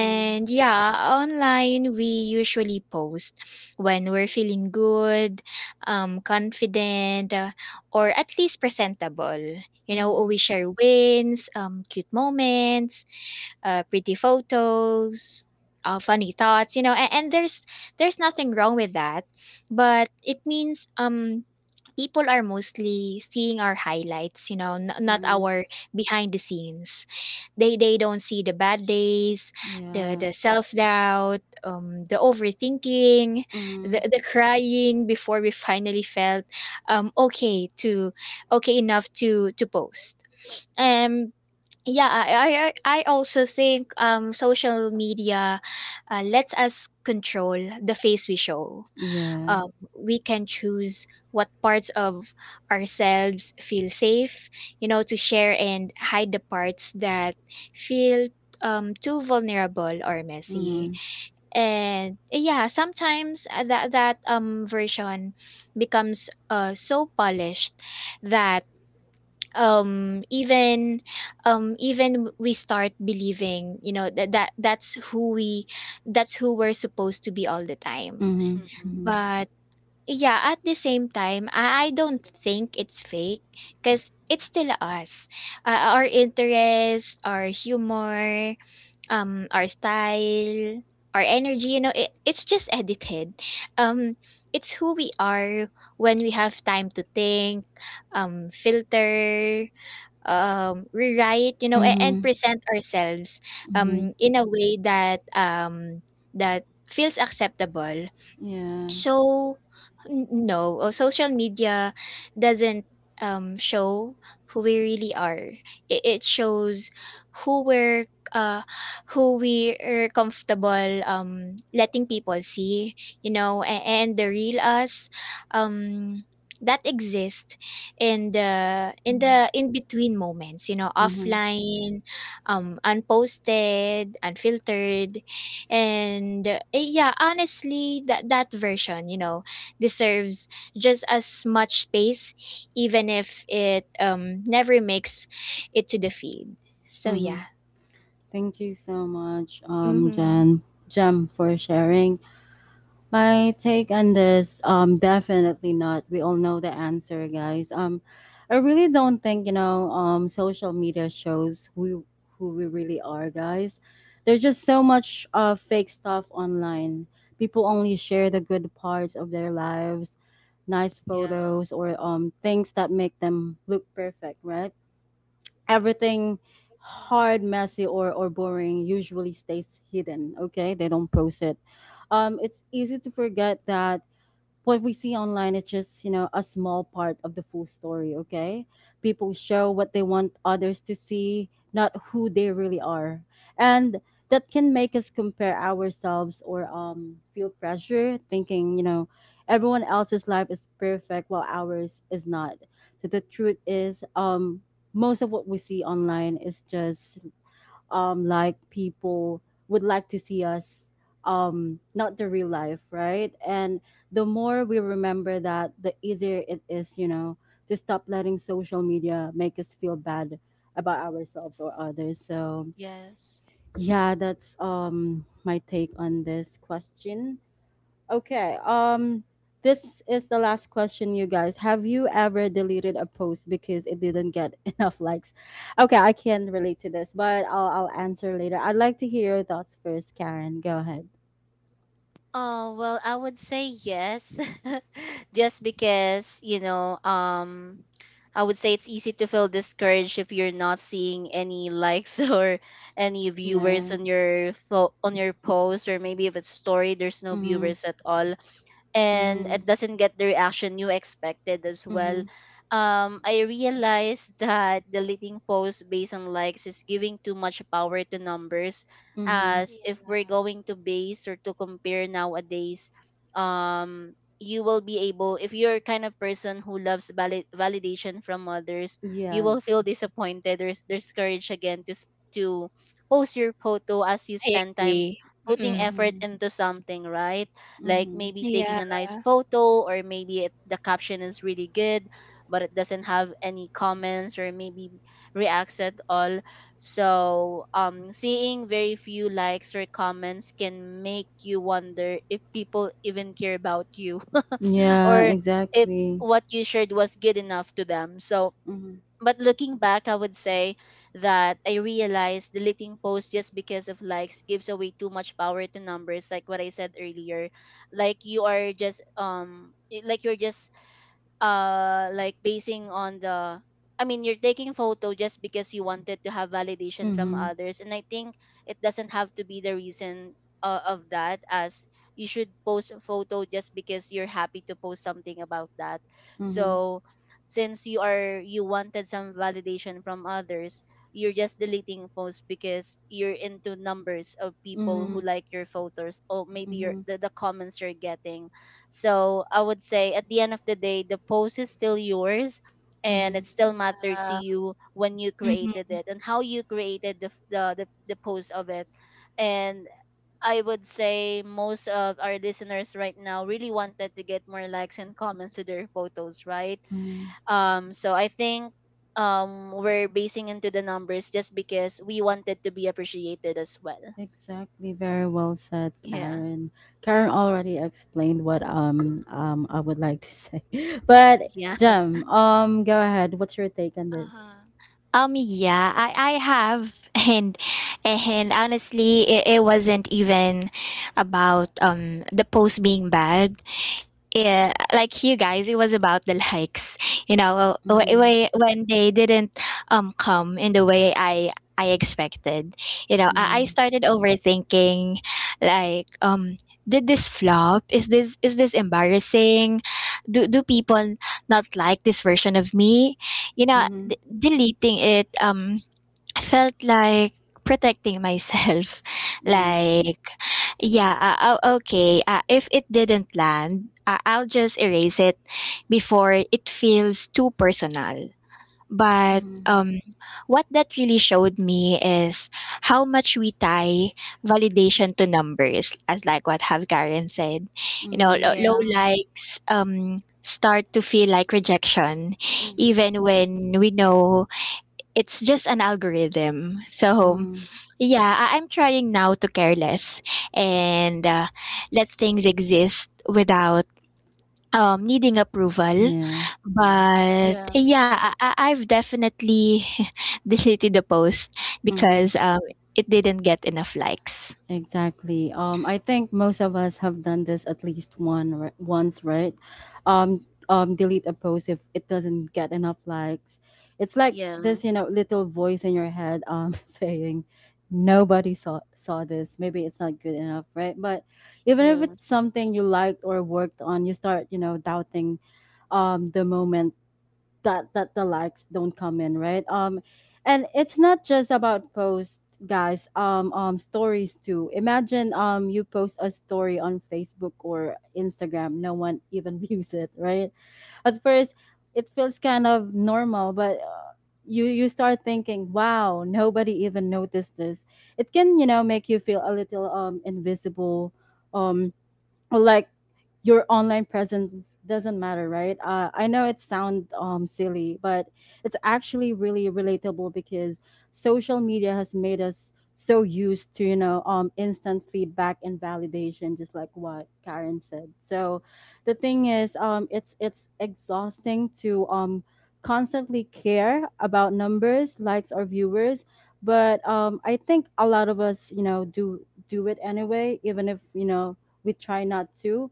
S1: Mm-hmm.
S3: yeah, online we usually post when we're feeling good, confident, or at least presentable. You know,
S1: Mm-hmm.
S3: we share wins, cute moments, pretty photos, funny thoughts. You know, and there's nothing wrong with that, but it means, people are mostly seeing our highlights, you know, n not our behind the scenes. They don't see the bad days, the
S1: Yeah.
S3: the self-doubt, the overthinking, the
S1: Mhm.
S3: the crying before we finally felt, um, okay to okay enough to post. Um, yeah, I also think, social media, lets us control the face we show.
S1: Yeah.
S3: um, we can choose what parts of ourselves feel safe, you know, to share, and hide the parts that feel too vulnerable or messy.
S1: Mhm.
S3: And yeah, sometimes that version becomes so polished that um even even we start believing, you know, that's who we that's who we're supposed to be all the time.
S1: Mhm.
S2: Mm-hmm.
S1: Mhm.
S3: But yeah, at the same time, I don't think it's fake because it's still us. Our interest, our humor, our style, our energy, you know, it's just edited. Um, it's who we are when we have time to think, filter, rewrite, you know, and
S1: Mhm.
S3: present ourselves
S1: Mhm.
S3: in a way that that feels acceptable.
S1: Yeah.
S3: So, no, social media doesn't show who we really are. It shows who we're uh, who we are comfortable letting people see, you know, and the real us, um, that exists in the in
S1: Mhm.
S3: the in between moments, you know,
S1: Mhm.
S3: offline, unposted, unfiltered, and yeah, honestly, that version, you know, deserves just as much space, even if it never makes it to the feed. So
S1: Mhm.
S3: yeah,
S1: Thank you so much,
S3: mm-hmm.
S1: Jem, for sharing. My take on this, definitely not. We all know the answer, guys. I really don't think you know, social media shows who we really are, guys. There's just so much fake stuff online. People only share the good parts of their lives, nice
S2: Yeah.
S1: photos or things that make them look perfect, right? Everything hard,
S3: Yeah.
S1: messy, or boring usually stays hidden. Okay, they don't post it. It's easy to forget that what we see online is just, you know, a small part of the full story, okay? People show what they want others to see, not who they really are. And that can make us compare ourselves or, feel pressure thinking, you know, everyone else's life is perfect while ours is not. So the truth is, most of what we see online is just, like, people would like to see us, not the real life, right? And the more we remember that, the easier it is, you know, to stop letting social media make us feel bad about ourselves or others. So
S2: Yes.
S1: yeah, that's my take on this question. Okay. This is the last question, you guys. Have you ever deleted a post because it didn't get enough likes? Okay, I can relate to this, but I'll answer later. I'd like to hear your thoughts first, Karen. Go ahead.
S2: Oh, well, I would say yes. Just because, you know, I would say it's easy to feel discouraged if you're not seeing any likes or any viewers
S1: Yeah.
S2: on your on your post, or maybe if it's story there's no
S1: Mhm.
S2: viewers at all, and it
S1: Mhm.
S2: doesn't get the reaction you expected as well.
S1: Mhm.
S2: I realized that deleting posts based on likes is giving too much power to numbers,
S1: Mhm.
S2: as if
S3: Yeah.
S2: we're going to base or to compare nowadays, um, you will be able, if you're kind of person who loves validation from others, you will
S1: Yes.
S2: feel disappointed. There's courage again to, to post your photo as you
S3: I
S2: spend time
S3: agree.
S2: putting
S3: Mm-mm.
S2: effort
S1: Mhm.
S2: into something, right? Like
S1: Mhm.
S2: maybe
S3: Yeah.
S2: taking a nice photo, or maybe the caption is really good, but it doesn't have any comments or maybe reacts at all. So seeing very few likes or comments can make you wonder if people even care about you,
S1: Yeah.
S2: or if
S1: Exactly.
S2: what you shared was good enough to them. So
S1: Mhm.
S2: but looking back, I would say that I realized deleting posts just because of likes gives away too much power to numbers, like what I said earlier. Like you are just like you're just like basing on the, I mean, you're taking photo just because you wanted to have validation from
S1: Mhm.
S2: others, and I think it doesn't have to be the reason of that. As you should post a photo just because you're happy to post something about that.
S1: Mhm.
S2: So since you wanted some validation from others, you're just deleting posts because you're into numbers of people who
S1: Mhm.
S2: like your photos, or maybe your
S1: Mhm.
S2: the comments you're getting. So I would say at the end of the day, the post is still yours, and
S1: Mhm.
S2: it still mattered to you when you
S3: Mm-hmm.
S2: created it, and how you created the, f- the post of it. And I would say most of our listeners right now really wanted to get more likes and comments to their photos, right?
S1: Mhm.
S2: So I think we're basing into the numbers just because we wanted to be appreciated as well.
S1: Exactly, very well said,
S2: Yeah.
S1: Karen. Karen already explained what I would like to say. But
S2: Yeah.
S1: Jem, go ahead. What's your take on this?
S3: Uh-huh. Yeah, I have, and honestly, it wasn't even about the post being bad. Yeah, like you guys, it was about the likes, you know,
S1: Mm,
S3: when they didn't come in the way I expected, you know.
S1: yeah.
S3: I started overthinking, like, did this flop, is this embarrassing, do people not like this version of me? You know,
S1: Mm-hmm.
S3: deleting it, I felt like protecting myself.
S1: Yeah.
S3: Like, yeah, oh, okay. If it didn't land, I'll just erase it before it feels too personal. But
S1: Mm-hmm.
S3: what that really showed me is how much we tie validation to numbers, as like what have Karen said. You know,
S1: Mm-hmm.
S3: low
S2: Yeah.
S3: likes start to feel like rejection,
S1: Mm-hmm.
S3: even when we know it's just an algorithm. So
S1: Mm-hmm.
S3: yeah, I'm trying now to care less and let things exist without needing approval.
S1: Yeah.
S3: But
S2: Yeah.
S3: yeah, I've definitely deleted the post
S1: Mm-hmm.
S3: because it didn't get enough likes.
S1: Exactly. I think most of us have done this at least once, right? Delete a post if it doesn't get enough likes. It's like
S2: Yeah.
S1: this, you know, little voice in your head, saying, "Nobody saw this. Maybe it's not good enough, right?" But even if
S2: Yeah.
S1: it's something you liked or worked on, you start, you know, doubting, the moment that the likes don't come in, right? And it's not just about posts, guys. Stories too. Imagine you post a story on Facebook or Instagram, no one even views it, right? At first it feels kind of normal, but you start thinking, wow, nobody even noticed this. It can, you know, make you feel a little invisible, um or like your online presence doesn't matter, right? I know it sounds, silly, but it's actually really relatable because social media has made us so used to, you know, instant feedback and validation, just like what Karen said. So the thing is, it's exhausting to, constantly care about numbers, likes, or viewers. But I think a lot of us, you know, do it anyway, even if you know we try not to.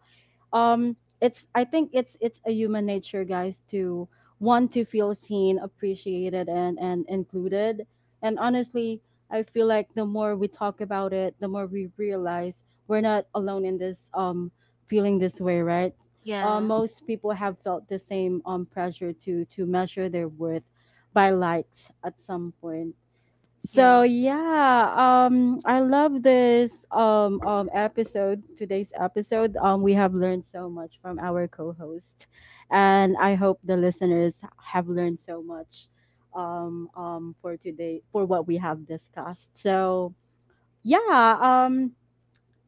S1: It's, I think it's a human nature, guys, to want to feel seen, appreciated, and included. And honestly, I feel like the more we talk about it, the more we realize we're not alone in this, feeling this way, right?
S2: Yeah.
S1: Most people have felt the same pressure to measure their worth by likes at some point. So
S2: Yes.
S1: yeah, I love this, episode. Today's episode, we have learned so much from our co-host, and I hope the listeners have learned so much, for today for what we have discussed. So yeah,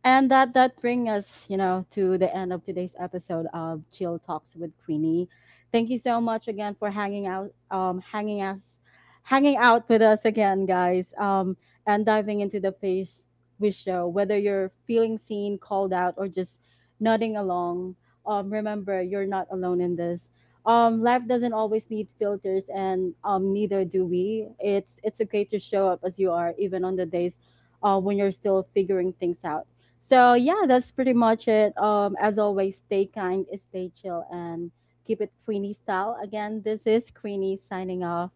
S1: and that brings us, you know, to the end of today's episode of Chill Talks with Queenie. Thank you so much again for hanging out, hanging out with us again, guys, and diving into the face we show. Whether you're feeling seen, called out, or just nodding along, remember you're not alone in this. Life doesn't always need filters, and neither do we. It's okay to show up as you are, even on the days when you're still figuring things out. So yeah, that's pretty much it. As always, stay kind, stay chill, and keep it Queenie style. Again, this is Queenie signing off.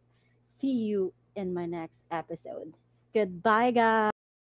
S1: See you in my next episode. Goodbye, guys.